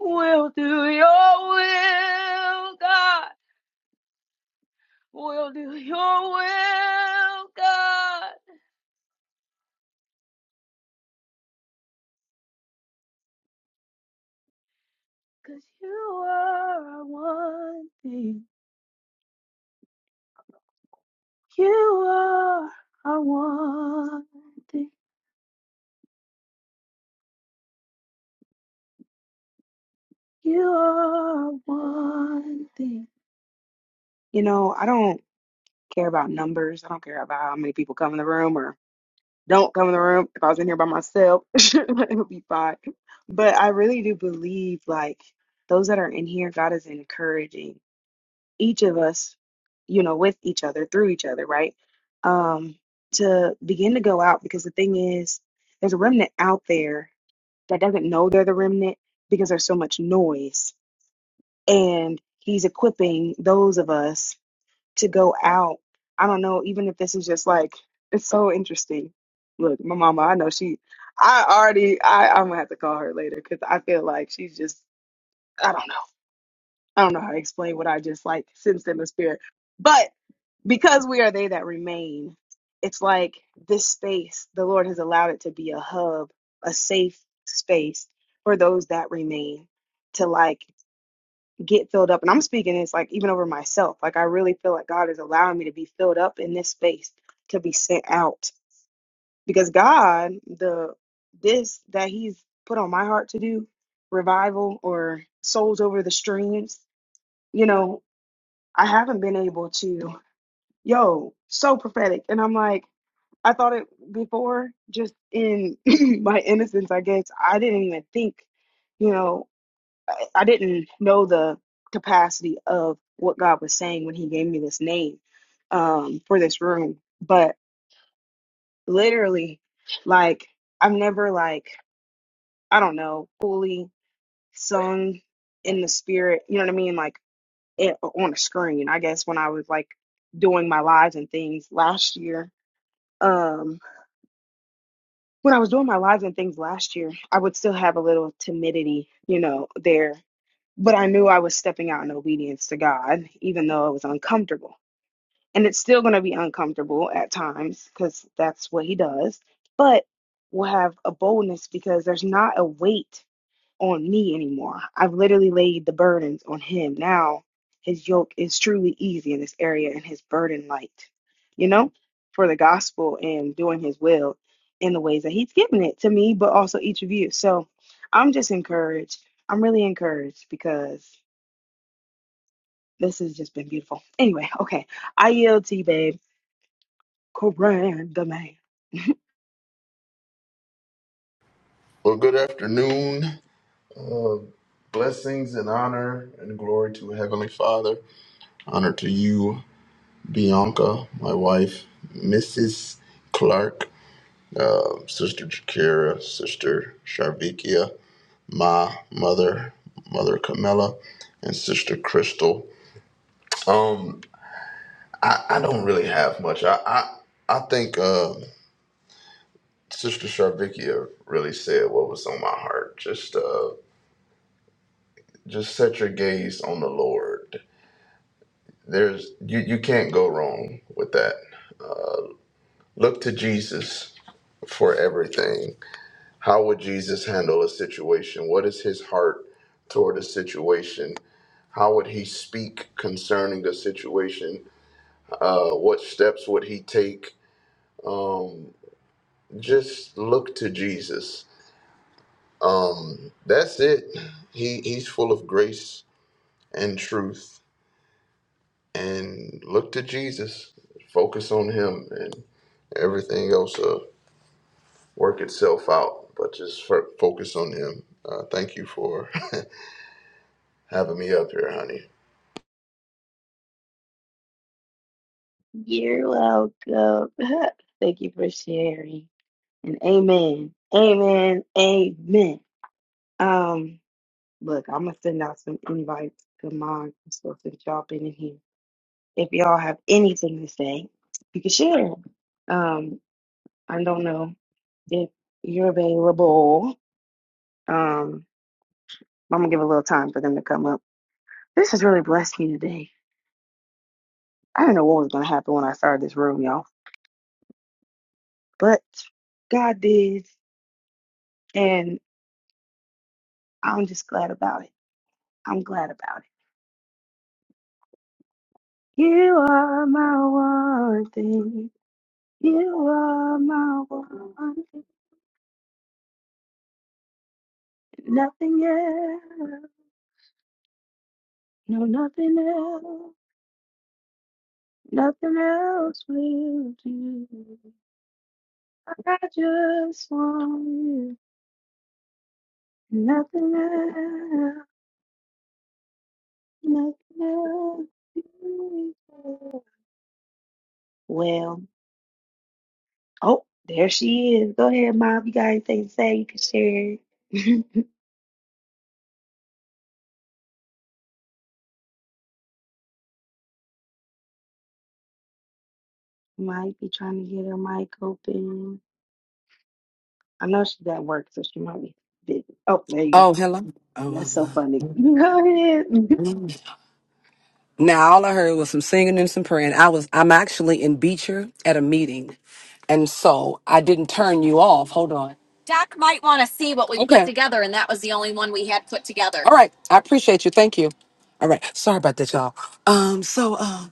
We'll do your will, God. We'll do your will, God. Cause you are our one thing. You are our one thing. You are our one thing. You know, I don't care about numbers. I don't care about how many people come in the room or. don't come in the room. If I was in here by myself, (laughs) it would be fine. But I really do believe like those that are in here, God is encouraging each of us, you know, with each other, through each other, right? Um, to begin to go out because the thing is, there's a remnant out there that doesn't know they're the remnant because there's so much noise. And he's equipping those of us to go out. I don't know, even if this is just like it's so interesting. Look, my mama, I know she I already I, I'm gonna have to call her later because I feel like she's just I don't know. I don't know how to explain what I just like sensed in the spirit. But because we are they that remain, it's like this space, the Lord has allowed it to be a hub, a safe space for those that remain to like get filled up. And I'm speaking It's like even over myself. Like I really feel like God is allowing me to be filled up in this space to be sent out because God, the this that He's put on my heart to do revival or souls over the streams. You know, I haven't been able to. Yo, so prophetic, and I'm like. I thought it before, just in (clears throat) my innocence, I guess. I didn't even think, you know. I I didn't know the capacity of what God was saying when He gave me this name um, for this room. But literally, like, I've never, like, I don't know, fully sung in the spirit, you know what I mean? Like, it, on a screen, I guess, when I was like doing my lives and things last year. Um, when I was doing my lives and things last year, I would still have a little timidity, you know, there But I knew I was stepping out in obedience to God, even though it was uncomfortable. And it's still going to be uncomfortable at times because that's what He does. But we'll have a boldness because there's not a weight on me anymore. I've literally laid the burdens on Him. Now His yoke is truly easy in this area and His burden light, you know, for the gospel and doing His will in the ways that He's given it to me, but also each of you. So I'm just encouraged. I'm really encouraged because this has just been beautiful. Anyway, okay. I yield to you, babe. Coran the man. Well, good afternoon. Uh, blessings and honor and glory to Heavenly Father. Honor to you, Bianca, my wife, Mrs. Clark, uh, Sister Jakira, Sister Sharvikia, my mother, Mother Camilla, and Sister Crystal. Um, I, I don't really have much. I I, I think uh, Sister Sharvikia really said what was on my heart. Just uh, just set your gaze on the Lord There's you you can't go wrong with that. Look to Jesus for everything. How would Jesus handle a situation? What is his heart toward a situation? How would he speak concerning the situation? Uh, what steps would he take? Um, just look to Jesus. Um, that's it. He he's full of grace and truth. And look to Jesus. Focus on him and everything else up. work itself out, but just fo- focus on Him. Uh, thank you for (laughs) having me up here, honey. You're welcome. (laughs) Thank you for sharing. And amen. Amen. Amen. Um, look, I'm gonna send out some invites to mine. I'm supposed to drop in here. If y'all have anything to say, you can share. Um, I don't know if you're available. Um, I'm gonna give a little time for them to come up. This has really blessed me today. I didn't know what was going to happen when I started this room, y'all, but God did, and I'm just glad about it. I'm glad about it. You are my one thing. You are my one thing. Nothing else. No, nothing else. Nothing else will do. I just want you. Nothing else. Nothing else. Well. Oh, there she is. Go ahead, Mom. You got anything to say? You can share it. Might be trying to get her mic open. I know she's at work, so she might be busy. Oh, there you go. Oh, hello. That's Oh, so funny. (laughs) Go ahead, (laughs) i now all I heard was some singing and some praying. I was I'm actually in Beecher at a meeting, and so I didn't turn you off. Hold on. Doc might want to see what we put Okay. together, and that was the only one we had put together. All right. I appreciate you. Thank you. All right. Sorry about that, y'all. Um. So, um,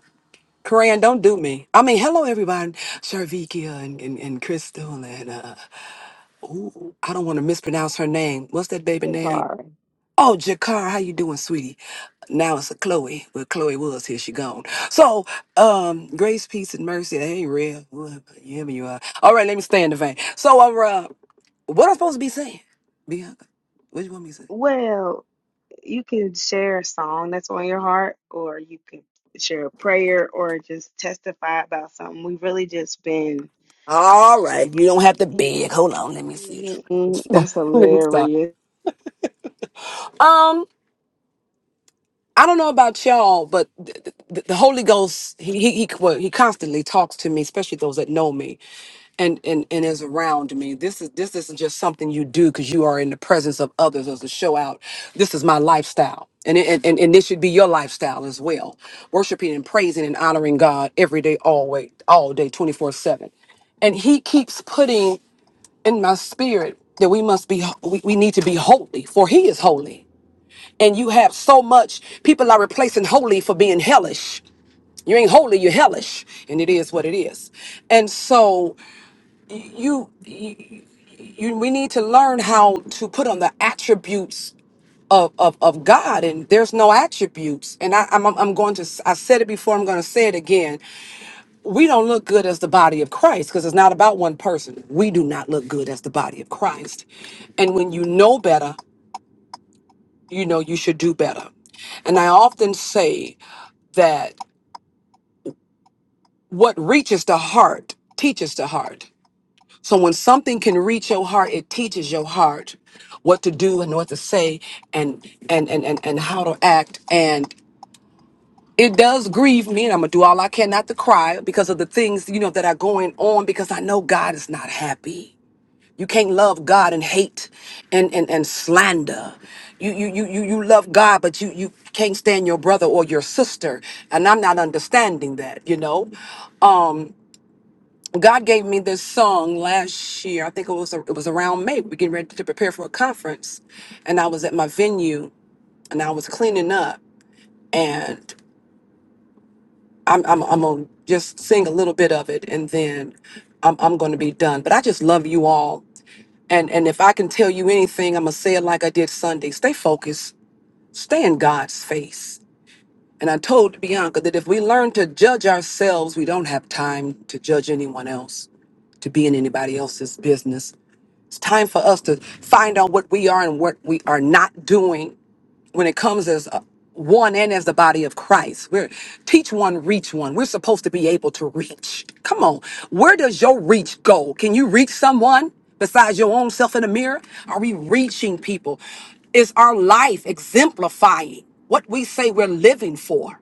Koran, don't do me. I mean, hello everybody. Sharvikia and, and and Crystal and uh, I don't want to mispronounce her name. What's that baby name? Jakar. Oh, Jakar, how you doing, sweetie? Now it's a Chloe. Well, Chloe was here. She gone. So, um, grace, peace, and mercy. That ain't real. Well, Yeah, but you are. All right, let me stay in the vein. So, uh, what I supposed to be saying? Bianca, what you want me to say? Well, you can share a song that's on your heart, or you can share a prayer, or just testify about something. We've really just been, All right, you don't yeah. have to beg. Hold on, let me see. (laughs) Mm-hmm, mm-hmm. That's Let me stop. hilarious. Um, I don't know about y'all, but the, the, the Holy Ghost, he he he, well, he constantly talks to me, especially those that know me, and and and is around me. This is this isn't just something you do because you are in the presence of others as a show out. This is my lifestyle, and it, and and and this should be your lifestyle as well. Worshiping and praising and honoring God every day, always, all day, twenty four seven and he keeps putting in my spirit that we must be we, we need to be holy for he is holy and you have so much, people are replacing holy for being hellish. You ain't holy, you're hellish. And it is what it is. And so you, you we need to learn how to put on the attributes of, of, of God and there's no attributes. And I, I'm, I'm going to, I said it before, I'm going to say it again. We don't look good as the body of Christ because it's not about one person. We do not look good as the body of Christ. And when you know better, you know you should do better. And I often say that what reaches the heart teaches the heart. So when something can reach your heart, it teaches your heart what to do and what to say and and and and, and how to act and it does grieve me and I'm gonna do all I can not to cry because of the things you know that are going on because I know God is not happy You can't love God and hate and, and, and slander. You, you, you, you, you love God, but you, you can't stand your brother or your sister. And I'm not understanding that, you know? Um, God gave me this song last year. I think it was, it was around May. We getting ready to prepare for a conference. And I was at my venue and I was cleaning up. and. I'm I'm I'm gonna just sing a little bit of it and then I'm I'm gonna be done. But I just love you all. And and if I can tell you anything, I'm gonna say it like I did Sunday. Stay focused, stay in God's face. And I told Bianca that if we learn to judge ourselves, we don't have time to judge anyone else, to be in anybody else's business. It's time for us to find out what we are and what we are not doing when it comes as uh, one and as the body of Christ. We're teach one, reach one. We're supposed to be able to reach. Come on. Where does your reach go? Can you reach someone besides your own self in the mirror? Are we reaching people? Is our life exemplifying what we say we're living for?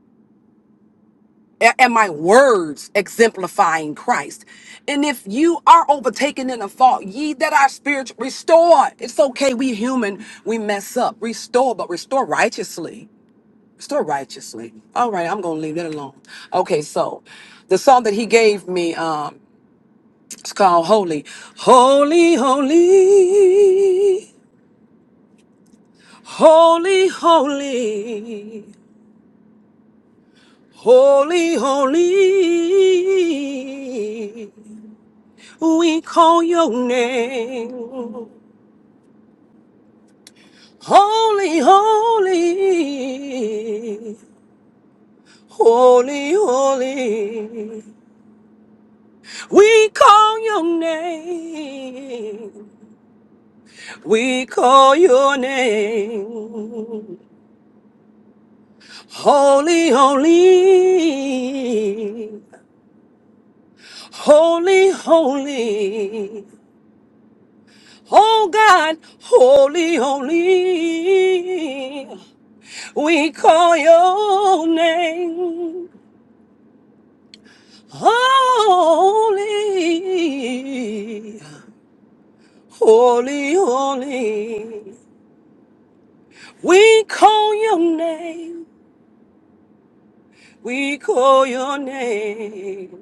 A- and my words exemplifying Christ. And if you are overtaken in a fault, ye that are spiritual, restore. It's okay. We human, we mess up. Restore, but restore righteously. Restore righteously. All right, I'm gonna leave that alone. Okay, so the song that he gave me, um, it's called Holy. Holy, holy, holy, holy, holy, holy. We call your name. Holy, holy, holy, holy. We call your name. We call your name. Holy, holy, holy, holy. Oh God, holy, holy. We call your name holy, holy, holy. We call your name, we call your name,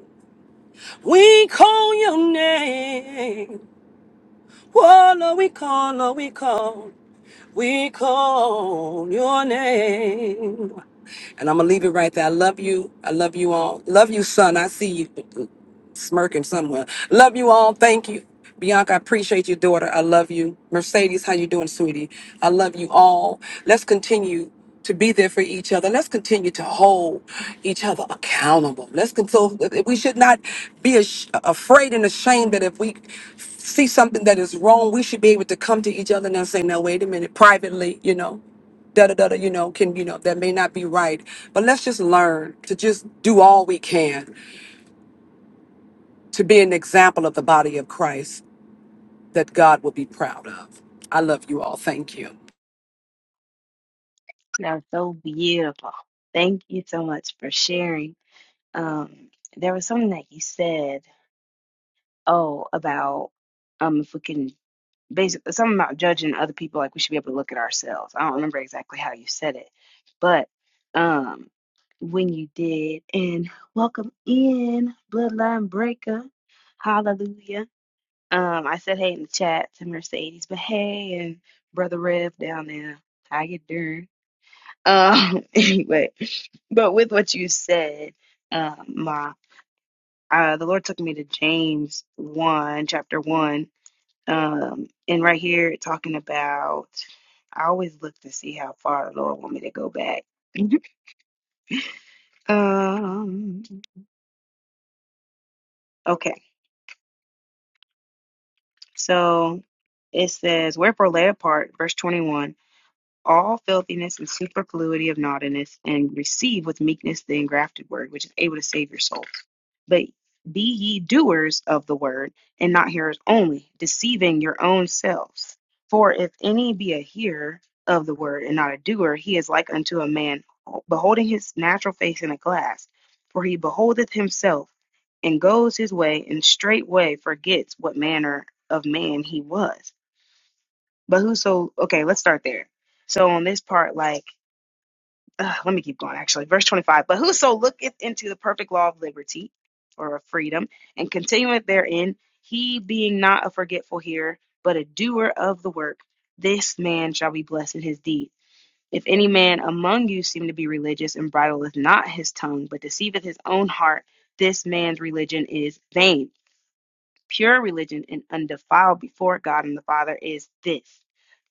we call your name. Oh, Lord, we call, Lord, we call, we call your name. And I'm gonna leave it right there. I love you. I love you all. Love you, son. I see you. smirking somewhere. Love you all. Thank you. Bianca, I appreciate your daughter. I love you. Mercedes, how you doing, sweetie? I love you all. Let's continue to be there for each other. Let's continue to hold each other accountable. Let's control. We should not be ash- afraid and ashamed that if we see something that is wrong, we should be able to come to each other and say, "No, wait a minute," privately, you know da da da da, you know, can, you know, that may not be right. But let's just learn to just do all we can to be an example of the body of Christ that God will be proud of. I love you all. Thank you. That's so beautiful. Thank you so much for sharing. um there was something that you said oh about um if we can basically something about judging other people like we should be able to look at ourselves i don't remember exactly how you said it but um when you did and welcome in bloodline breaker hallelujah um i said hey in the chat to mercedes but hey and brother rev down there how you doing um (laughs) anyway but with what you said um, Ma uh, the Lord took me to James 1, chapter 1. Um, and right here, it's talking about, I always look to see how far the Lord want me to go back. (laughs) um, okay, so it says, Wherefore lay apart, verse 21, all filthiness and superfluity of naughtiness, and receive with meekness the engrafted word, which is able to save your soul. But be ye doers of the word, and not hearers only, deceiving your own selves. For if any be a hearer of the word, and not a doer, he is like unto a man beholding his natural face in a glass. For he beholdeth himself, and goes his way, and straightway forgets what manner of man he was. But whoso, okay, let's start there. So on this part, like, Ugh, let me keep going actually. Verse 25. But whoso looketh into the perfect law of liberty or of freedom and continueth therein, he being not a forgetful hearer, but a doer of the work, this man shall be blessed in his deed. If any man among you seem to be religious and bridleth not his tongue, but deceiveth his own heart, this man's religion is vain pure religion and undefiled before God and the Father is this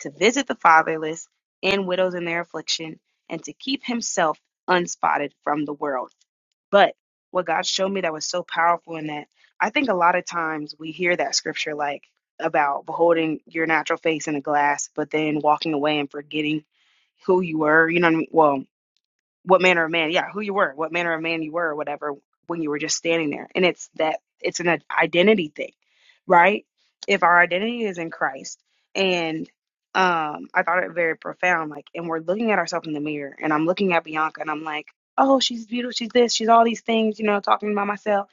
to visit the fatherless and widows in their affliction, and to keep himself unspotted from the world. But what God showed me that was so powerful in that, I think a lot of times we hear that scripture like about beholding your natural face in a glass, but then walking away and forgetting who you were. You know what I mean? Well what manner of man, yeah, who you were, what manner of man you were, or whatever, when you were just standing there. And it's that it's an identity thing, right? If our identity is in Christ, and um, I thought it very profound, like, and we're looking at ourselves in the mirror, and I'm looking at Bianca, and I'm like, oh, she's beautiful, she's this, she's all these things, you know, talking about myself.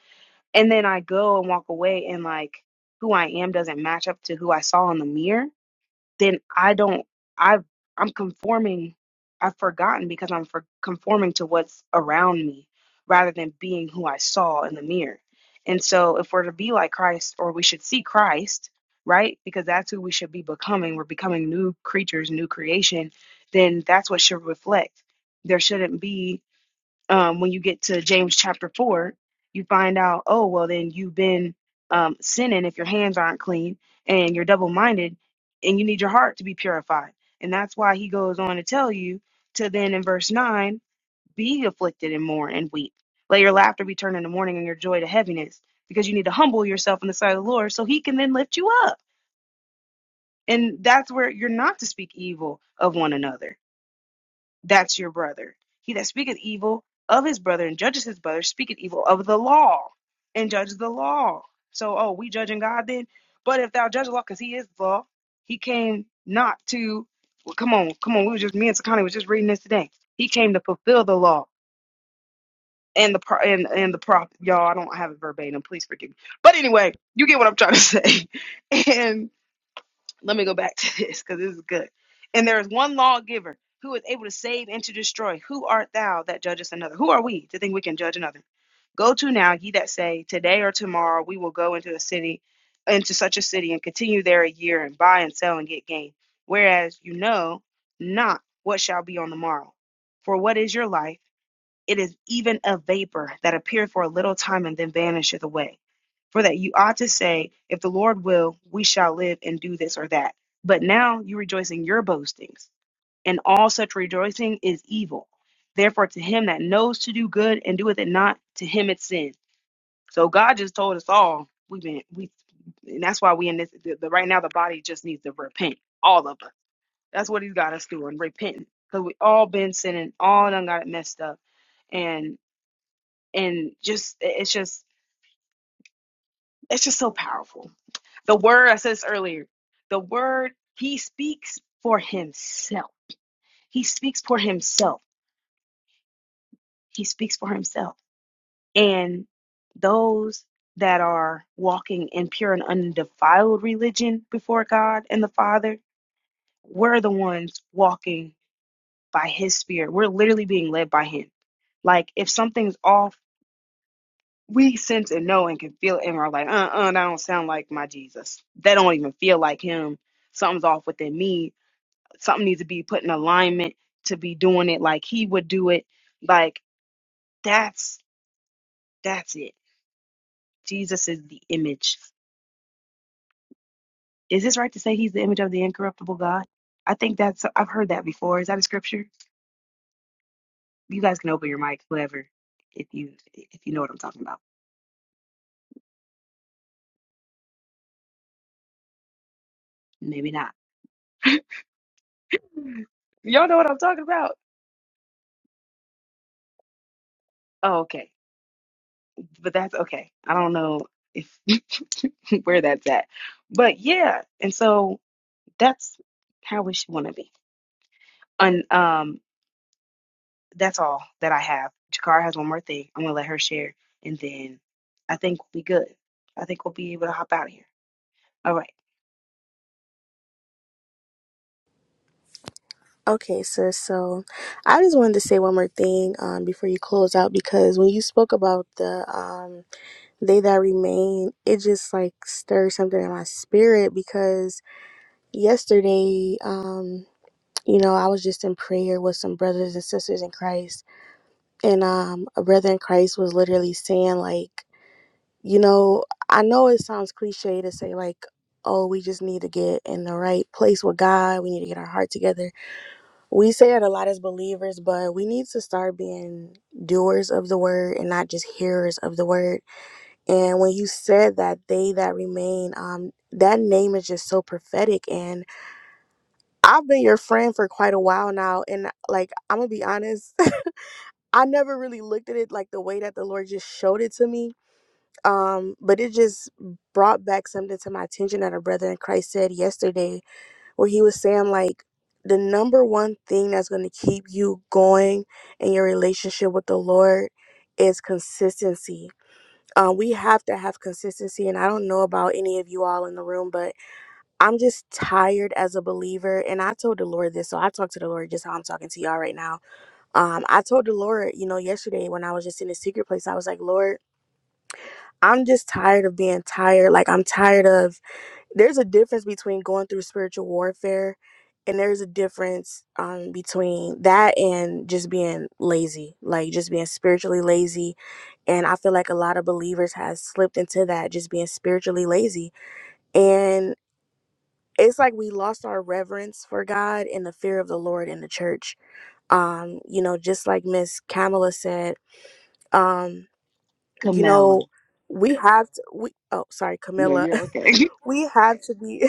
And then I go and walk away, and like, who I am doesn't match up to who I saw in the mirror then I don't I've I'm conforming I've forgotten because I'm for conforming to what's around me rather than being who I saw in the mirror. And so if we're to be like Christ or we should see Christ, right? Because that's who we should be becoming. We're becoming new creatures, new creation, then that's what should reflect. There shouldn't be um, when you get to James chapter 4, you find out, oh, well, then you've been um, sinning if your hands aren't clean and you're double minded and you need your heart to be purified. And that's why he goes on to tell you to then in verse 9, be afflicted and mourn and weep. Let your laughter be turned into mourning and your joy to heaviness because you need to humble yourself in the sight of the Lord so he can then lift you up. And that's where you're not to speak evil of one another. That's your brother. He that speaketh evil of his brother and judges his brother speaketh evil of the law and judges the law. So, oh, we judging God then? But if thou judge the law, because he is the law, he came not to, well, come on, come on, we were just, me and Sakani was just reading this today. He came to fulfill the law and the pro- and, and the prophet. Y'all, I don't have it verbatim. Please forgive me. But anyway, you get what I'm trying to say. (laughs) and let me go back (laughs) to this because this is good. And there is one lawgiver who is able to save and to destroy. Who art thou that judgest another? Who are we to think we can judge another? Go to now, ye that say, Today or tomorrow we will go into a city, into such a city, and continue there a year, and buy and sell and get gain. Whereas you know not what shall be on the morrow. For what is your life? It is even a vapor that appeareth for a little time and then vanisheth away. For that you ought to say, If the Lord will, we shall live and do this or that. But now you rejoice in your boastings, and all such rejoicing is evil. Therefore, to him that knows to do good and doeth it not, to him it's sin. So God just told us all we've been we, and that's why we in this. The, the- right now, the body just needs to repent. All of us. That's what He's got us doing, repenting, because we all been sinning, all done got it messed up and just it's just it's just so powerful. The word I said this earlier, the word he speaks for himself. He speaks for himself. He speaks for himself. And those that are walking in pure and undefiled religion before God and the Father, we're the ones walking by his spirit. We're literally being led by him. Like if something's off we sense and know and can feel it and are like, uh uh, that don't sound like my Jesus. That don't even feel like him. Something's off within me. Something needs to be put in alignment to be doing it like he would do it. Like that's that's it. Jesus is the image. Is this right to say he's the image of the incorruptible God? I think that's I've heard that before. Is that a scripture? You guys can open your mic, whoever, if you if you know what I'm talking about. Maybe not. Y'all know what I'm talking about. Oh, okay. but that's okay. I don't know if (laughs) where that's at. But yeah, and so that's how we should want to be. And um that's all that I have. Jakara has one more thing. I'm gonna let her share and then I think we'll be good. I think we'll be able to hop out of here. All right. Okay, sis. So I just wanted to say one more thing um, before you close out because when you spoke about the um, they that remain, it just like stirred something in my spirit because yesterday, um, you know, I was just in prayer with some brothers and sisters in Christ. And um, a brother in Christ was literally saying, like, You know, I know it sounds cliche to say, like, oh, we just need to get in the right place with God. We need to get our heart together. We say it a lot as believers, but we need to start being doers of the word and not just hearers of the word. And when you said that, they that remain, um, that name is just so prophetic. And I've been your friend for quite a while now. And like, I'm going to be honest, (laughs) I never really looked at it like the way that the Lord just showed it to me um but it just brought back something to my attention that a brother in christ said yesterday where he was saying like the number one thing that's going to keep you going in your relationship with the lord is consistency um, we have to have consistency and i don't know about any of you all in the room but i'm just tired as a believer and i told the lord this so i talked to the lord just how i'm talking to y'all right now um, i told the lord you know yesterday when i was just in the secret place i was like lord I'm just tired of being tired. Like, I'm tired of. There's a difference between going through spiritual warfare, and there's a difference um, between that and just being lazy, like, just being spiritually lazy. And I feel like a lot of believers has slipped into that, just being spiritually lazy. And it's like we lost our reverence for God and the fear of the Lord in the church. Um, you know, just like Miss Kamala said, um, you Camilla. know, we have to we oh sorry, No, Camilla. you're okay. (laughs) (laughs) we have to be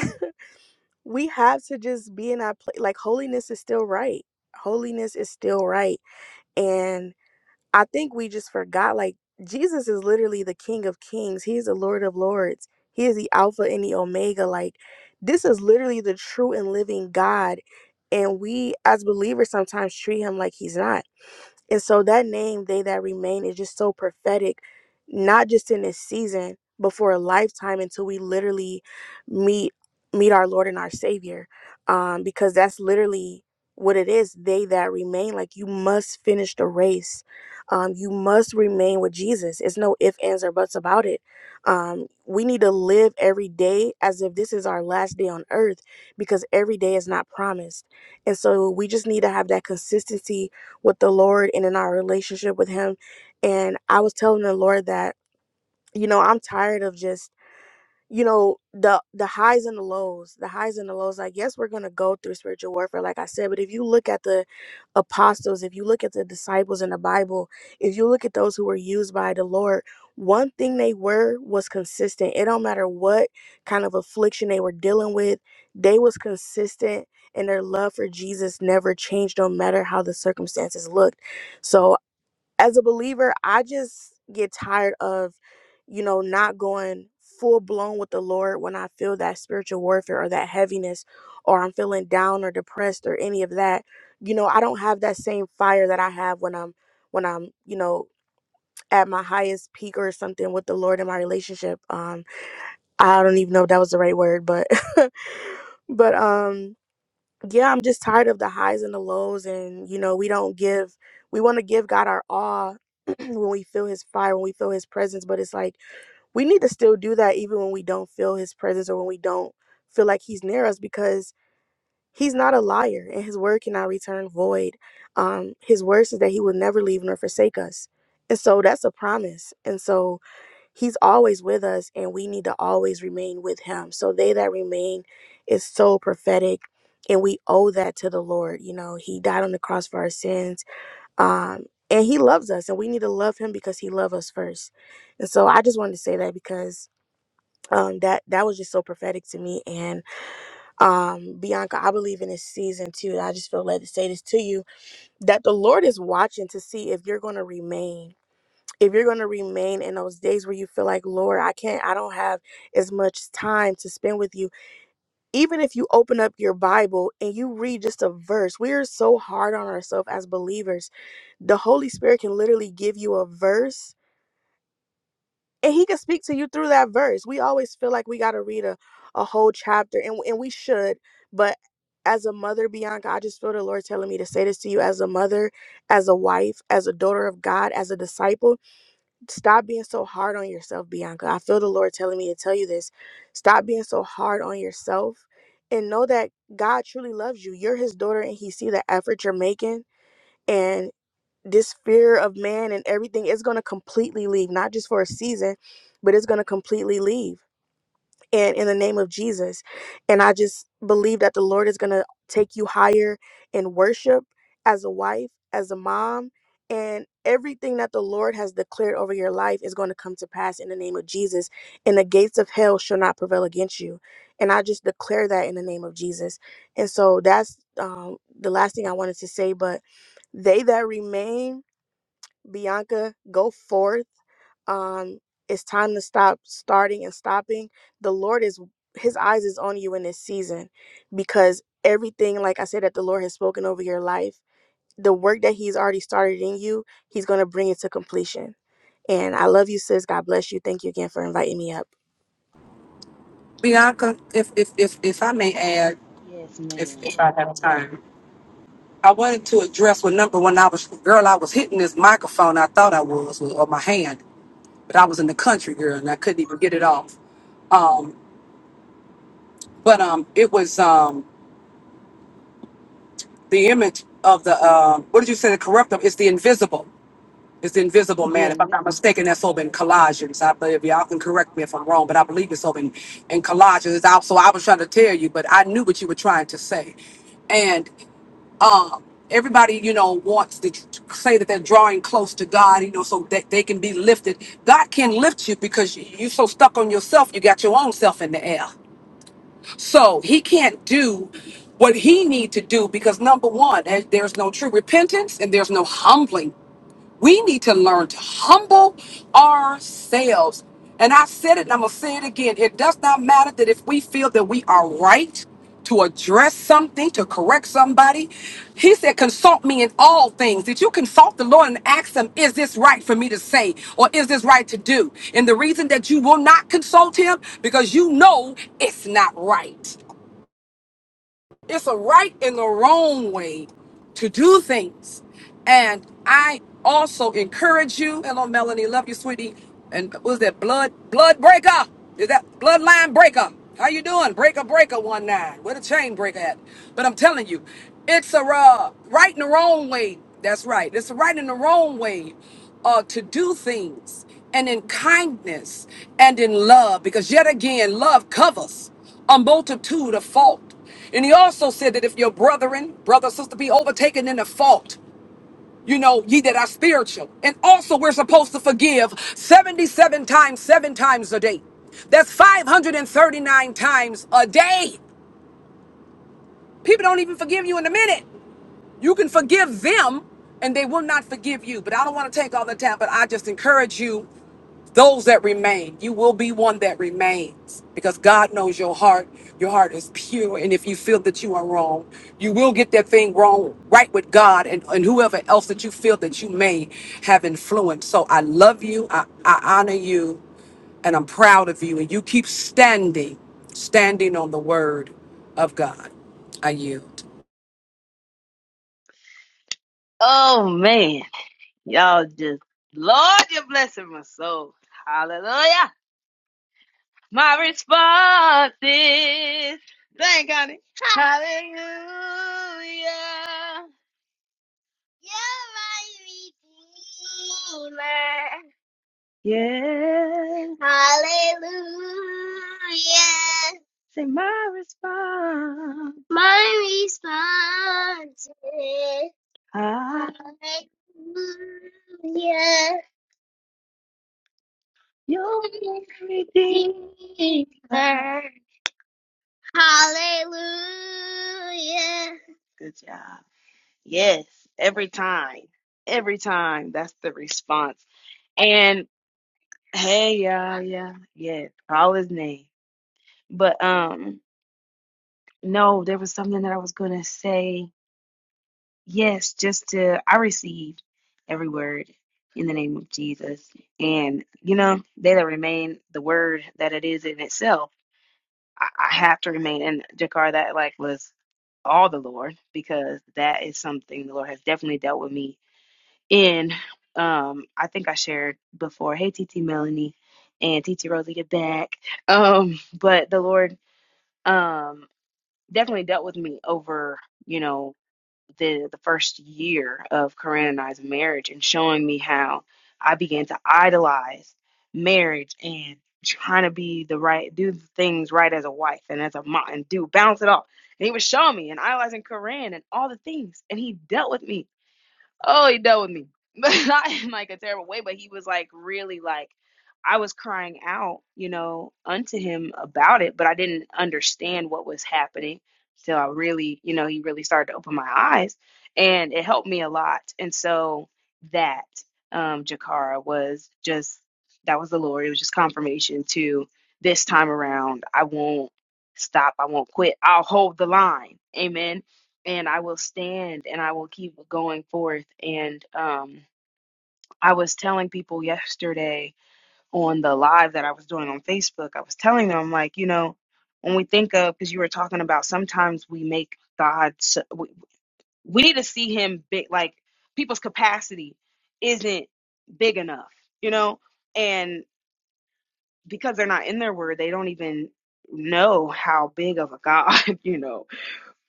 (laughs) we have to just be in our place like holiness is still right. Holiness is still right. And I think we just forgot like Jesus is literally the King of Kings. He is the Lord of Lords. He is the Alpha and the Omega. Like this is literally the true and living God. And we as believers sometimes treat him like he's not and so that name, They That Remain, is just so prophetic, not just in this season, but for a lifetime until we literally meet meet our Lord and our Savior. Um, because that's literally what it is, they that remain. Like you must finish the race. Um, you must remain with Jesus. It's no ifs, ands, or buts about it. Um, we need to live every day as if this is our last day on earth because every day is not promised. And so we just need to have that consistency with the Lord and in our relationship with Him. And I was telling the Lord that, you know, I'm tired of just you know the the highs and the lows the highs and the lows like yes we're going to go through spiritual warfare like i said but if you look at the apostles if you look at the disciples in the bible if you look at those who were used by the lord one thing they were was consistent it don't matter what kind of affliction they were dealing with they was consistent and their love for jesus never changed no matter how the circumstances looked so as a believer, I just get tired of, you know, not going full blown with the Lord when I feel that spiritual warfare or that heaviness or I'm feeling down or depressed or any of that. You know, I don't have that same fire that I have when I'm when I'm, you know, at my highest peak or something with the Lord in my relationship. Um I don't even know if that was the right word, but (laughs) but um yeah, I'm just tired of the highs and the lows. And, you know, we don't give, we want to give God our all (clears throat) when we feel his fire, when we feel his presence. But it's like, we need to still do that even when we don't feel his presence or when we don't feel like he's near us because he's not a liar and his word cannot return void. Um, his word says that he will never leave nor forsake us. And so that's a promise. And so, He's always with us, and we need to always remain with Him. So, they that remain is so prophetic, and we owe that to the Lord. You know, He died on the cross for our sins, um, and He loves us, and we need to love Him because He loved us first. And so, I just wanted to say that because um, that that was just so prophetic to me. And um, Bianca, I believe in this season too. And I just feel led to say this to you that the Lord is watching to see if you're going to remain if you're going to remain in those days where you feel like, Lord, I can't, I don't have as much time to spend with you, even if you open up your Bible and you read just a verse, we are so hard on ourselves as believers. The Holy Spirit can literally give you a verse and He can speak to you through that verse. We always feel like we got to read a, a whole chapter, and, and we should, but as a mother, Bianca, I just feel the Lord telling me to say this to you as a mother, as a wife, as a daughter of God, as a disciple Stop being so hard on yourself, Bianca. I feel the Lord telling me to tell you this. Stop being so hard on yourself and know that God truly loves you. You're his daughter and he see the effort you're making and this fear of man and everything is going to completely leave, not just for a season, but it's going to completely leave and in the name of Jesus. And I just believe that the Lord is going to take you higher in worship as a wife, as a mom, and everything that the Lord has declared over your life is going to come to pass in the name of Jesus. And the gates of hell shall not prevail against you. And I just declare that in the name of Jesus. And so that's um, the last thing I wanted to say. But they that remain, Bianca, go forth um it's time to stop starting and stopping the lord is his eyes is on you in this season because everything like i said that the lord has spoken over your life the work that he's already started in you he's going to bring it to completion and i love you sis god bless you thank you again for inviting me up Bianca, if if if, if I may add, yes, if, ma'am. if I have time, I wanted to address what number one I was girl, I was hitting this microphone. I thought I was with or my hand, but I was in the country girl and I couldn't even get it off. Um, but um, it was um the image of the um. what did you say? The corruptible. It's the invisible. It's the Invisible The Man. If I'm not invisible mistaken, that's over in God. Okay. Yeah. Collages. I believe y'all can correct me if I'm wrong, but I believe it's over in, in Collages. It's out. So I was trying to tell you, but I knew what you were trying to say. And um, everybody, you know, wants to say that they're drawing close to God, you know, so that they can be lifted. God can lift you because you're so stuck on yourself, you got your own self in the air. So he can't do what he need to do because number one, there- there's no true repentance and there's no humbling we need to learn to humble ourselves. And I said it and I'm going to say it again. It does not matter that if we feel that we are right to address something, to correct somebody. He said, Consult me in all things. Did you consult the Lord and ask Him, Is this right for me to say or is this right to do? And the reason that you will not consult Him, because you know it's not right. It's a right and the wrong way to do things. And I also encourage you. Hello, Melanie. Love you, sweetie. And what was that blood blood breaker? Is that bloodline breaker? How you doing? Breaker breaker one nine. Where the chain breaker at? But I'm telling you, it's a uh, right and the wrong way. That's right. It's a right and the wrong way uh, to do things and in kindness and in love because yet again love covers a multitude of fault and he also said that if your brethren, brother, sister, be overtaken in a fault, you know, ye that are spiritual. And also, we're supposed to forgive 77 times, seven times a day. That's 539 times a day. People don't even forgive you in a minute. You can forgive them and they will not forgive you. But I don't want to take all the time, but I just encourage you, those that remain, you will be one that remains because God knows your heart. Your heart is pure. And if you feel that you are wrong, you will get that thing wrong right with God and, and whoever else that you feel that you may have influence. So I love you. I, I honor you. And I'm proud of you. And you keep standing, standing on the word of God. I yield. Oh man. Y'all just Lord, you're blessing my soul. Hallelujah. My response is thank God. Hallelujah. You're my redeemer. Yeah. Hallelujah. Say my response. My response is ah, Hallelujah. You're my redeemer. Hallelujah. Good job. Yes, every time. Every time. That's the response. And hey, yeah, yeah, yeah. Call his name. But um, no, there was something that I was gonna say. Yes, just to I received every word in the name of Jesus. And you know, they that remain the word that it is in itself. I, I have to remain in Jakar. That like was all the Lord because that is something the Lord has definitely dealt with me in. Um, I think I shared before. Hey, TT Melanie and TT Rosie, get back. Um, (laughs) but the Lord um definitely dealt with me over you know the the first year of Corinne and I's marriage and showing me how I began to idolize marriage and trying to be the right do things right as a wife and as a mom and do balance it all. And he was showing me and idolizing Corinne and all the things. And he dealt with me Oh, he dealt with me. (laughs) But not in like a terrible way, but he was like really like I was crying out, you know, unto him about it, but I didn't understand what was happening till I really, you know, he really started to open my eyes and it helped me a lot. And so that um Jakara was just that was the Lord. It was just confirmation to this time around. I won't stop. I won't quit. I'll hold the line. Amen and I will stand and I will keep going forth. And um, I was telling people yesterday on the live that I was doing on Facebook, I was telling them, like, you know, when we think of, because you were talking about sometimes we make God, so- we, we need to see Him big, like people's capacity isn't big enough, you know? And because they're not in their word, they don't even know how big of a God, (laughs) you know,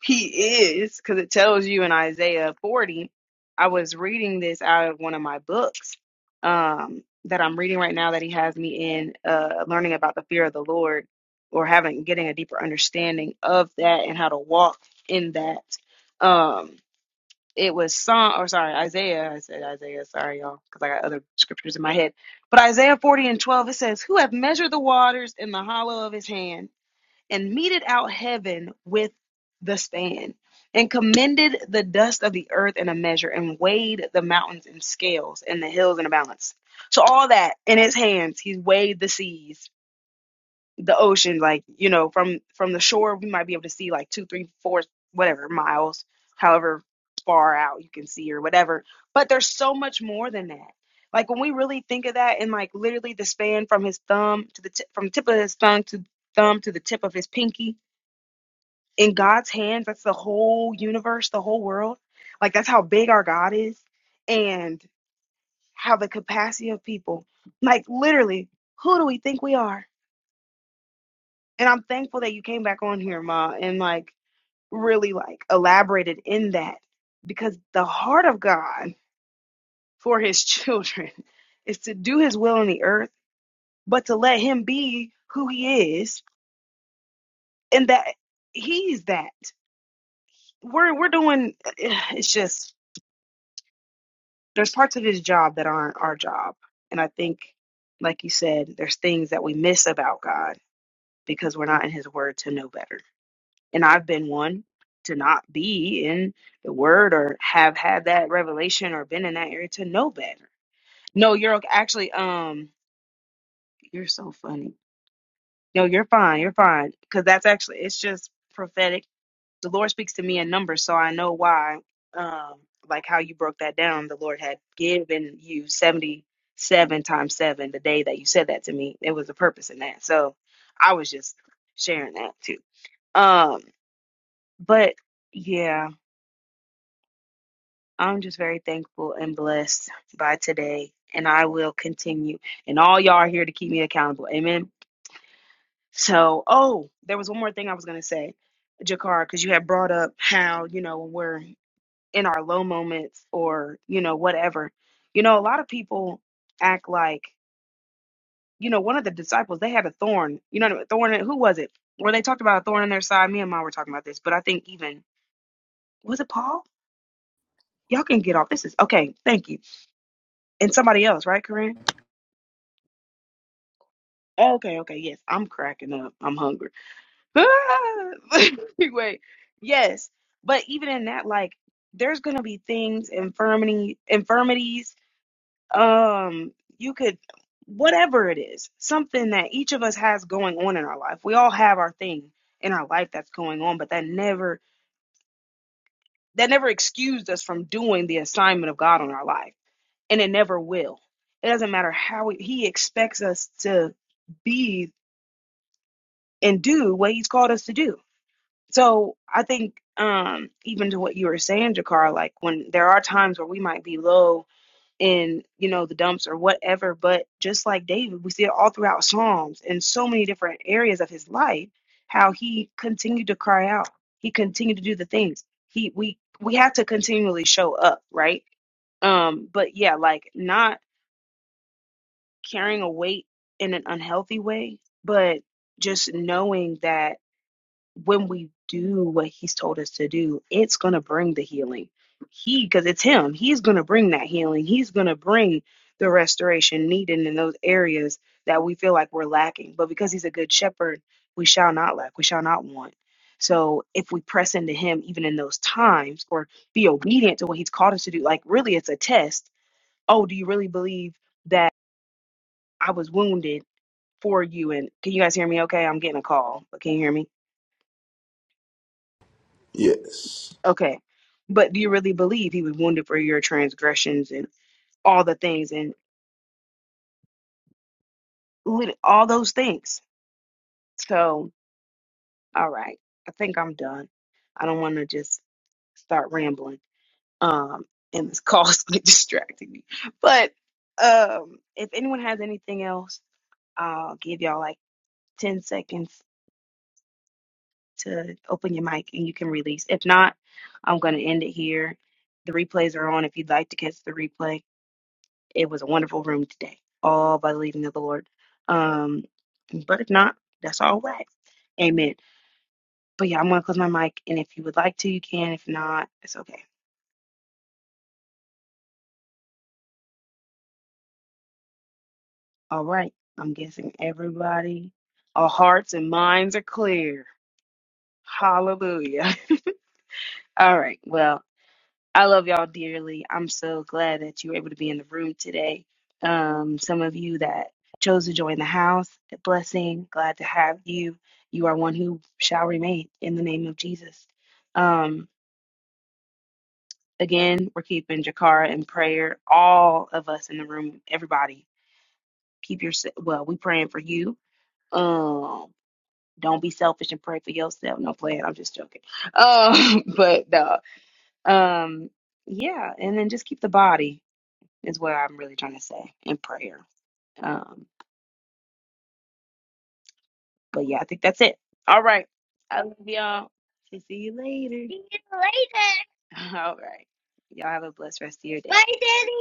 he is, because it tells you in Isaiah 40. I was reading this out of one of my books um, that I'm reading right now that he has me in, uh, learning about the fear of the Lord or having getting a deeper understanding of that and how to walk in that. Um, it was Psalm, or sorry, Isaiah. I said Isaiah, sorry, y'all, because I got other scriptures in my head. But Isaiah 40 and 12, it says, Who have measured the waters in the hollow of his hand? and meted out heaven with the span, and commended the dust of the earth in a measure, and weighed the mountains in scales, and the hills in a balance. So all that in his hands, he's weighed the seas, the ocean, like you know, from from the shore we might be able to see like two, three, four, whatever miles, however far out you can see or whatever. But there's so much more than that. Like when we really think of that, and like literally the span from his thumb to the tip, from the tip of his thumb to thumb to the tip of his pinky, in God's hands. That's the whole universe, the whole world. Like that's how big our God is and how the capacity of people. Like literally, who do we think we are? And I'm thankful that you came back on here, Ma, and like really like elaborated in that because the heart of God for his children (laughs) is to do his will on the earth, but to let him be who he is and that he's that. We're we're doing (sighs) it's just there's parts of his job that aren't our job. And I think, like you said, there's things that we miss about God because we're not in his word to know better. And I've been one to not be in the word or have had that revelation or been in that area to know better. No, you're okay. actually, um, you're so funny. No, you're fine. You're fine. Cause that's actually, it's just prophetic the Lord speaks to me in numbers, so I know why. Um, like how you broke that down, the Lord had given you seventy-seven times seven. The day that you said that to me, it was a purpose in that. So I was just sharing that too. Um, but yeah, I'm just very thankful and blessed by today, and I will continue. And all y'all are here to keep me accountable. Amen. So, oh, there was one more thing I was gonna say, Jakar, because you had brought up how you know when we're in our low moments or you know whatever you know a lot of people act like you know one of the disciples they had a thorn you know a thorn in- who was it where they talked about a thorn in their side me and mom were talking about this but i think even was it paul y'all can get off this is okay thank you and somebody else right corinne Oh, okay okay yes i'm cracking up i'm hungry (laughs) anyway yes but even in that like there's going to be things infirmity infirmities um you could whatever it is something that each of us has going on in our life we all have our thing in our life that's going on but that never that never excused us from doing the assignment of god on our life and it never will it doesn't matter how he he expects us to be and do what he's called us to do so i think um even to what you were saying jakar like when there are times where we might be low in you know the dumps or whatever but just like david we see it all throughout psalms in so many different areas of his life how he continued to cry out he continued to do the things he we we have to continually show up right um but yeah like not carrying a weight in an unhealthy way but just knowing that when we do what he's told us to do, it's going to bring the healing. He, because it's him, he's going to bring that healing. He's going to bring the restoration needed in those areas that we feel like we're lacking. But because he's a good shepherd, we shall not lack, we shall not want. So if we press into him, even in those times, or be obedient to what he's called us to do, like really it's a test. Oh, do you really believe that I was wounded for you? And can you guys hear me okay? I'm getting a call, but can you hear me? Yes. Okay. But do you really believe he was wounded for your transgressions and all the things and lit- all those things? So, all right. I think I'm done. I don't want to just start rambling. Um, and this call's (laughs) distracting me. But um, if anyone has anything else, I'll give y'all like 10 seconds to open your mic and you can release. If not, I'm going to end it here. The replays are on if you'd like to catch the replay. It was a wonderful room today, all by the leading of the Lord. Um, but if not, that's all right. Amen. But yeah, I'm gonna close my mic, and if you would like to, you can. If not, it's okay. All right. I'm guessing everybody, our hearts and minds are clear. Hallelujah. (laughs) All right. Well. I love y'all dearly. I'm so glad that you were able to be in the room today. Um, some of you that chose to join the house, a blessing. Glad to have you. You are one who shall remain in the name of Jesus. Um, again, we're keeping Jakara in prayer. All of us in the room, everybody, keep your well. We praying for you. Um, don't be selfish and pray for yourself. No plan. I'm just joking. Um, (laughs) but no. Um, yeah, and then just keep the body. is what I'm really trying to say in prayer. Um, but yeah, I think that's it. All right. I love y'all. See you later. See you later. (laughs) All right. Y'all have a blessed rest of your day. Bye, Daddy.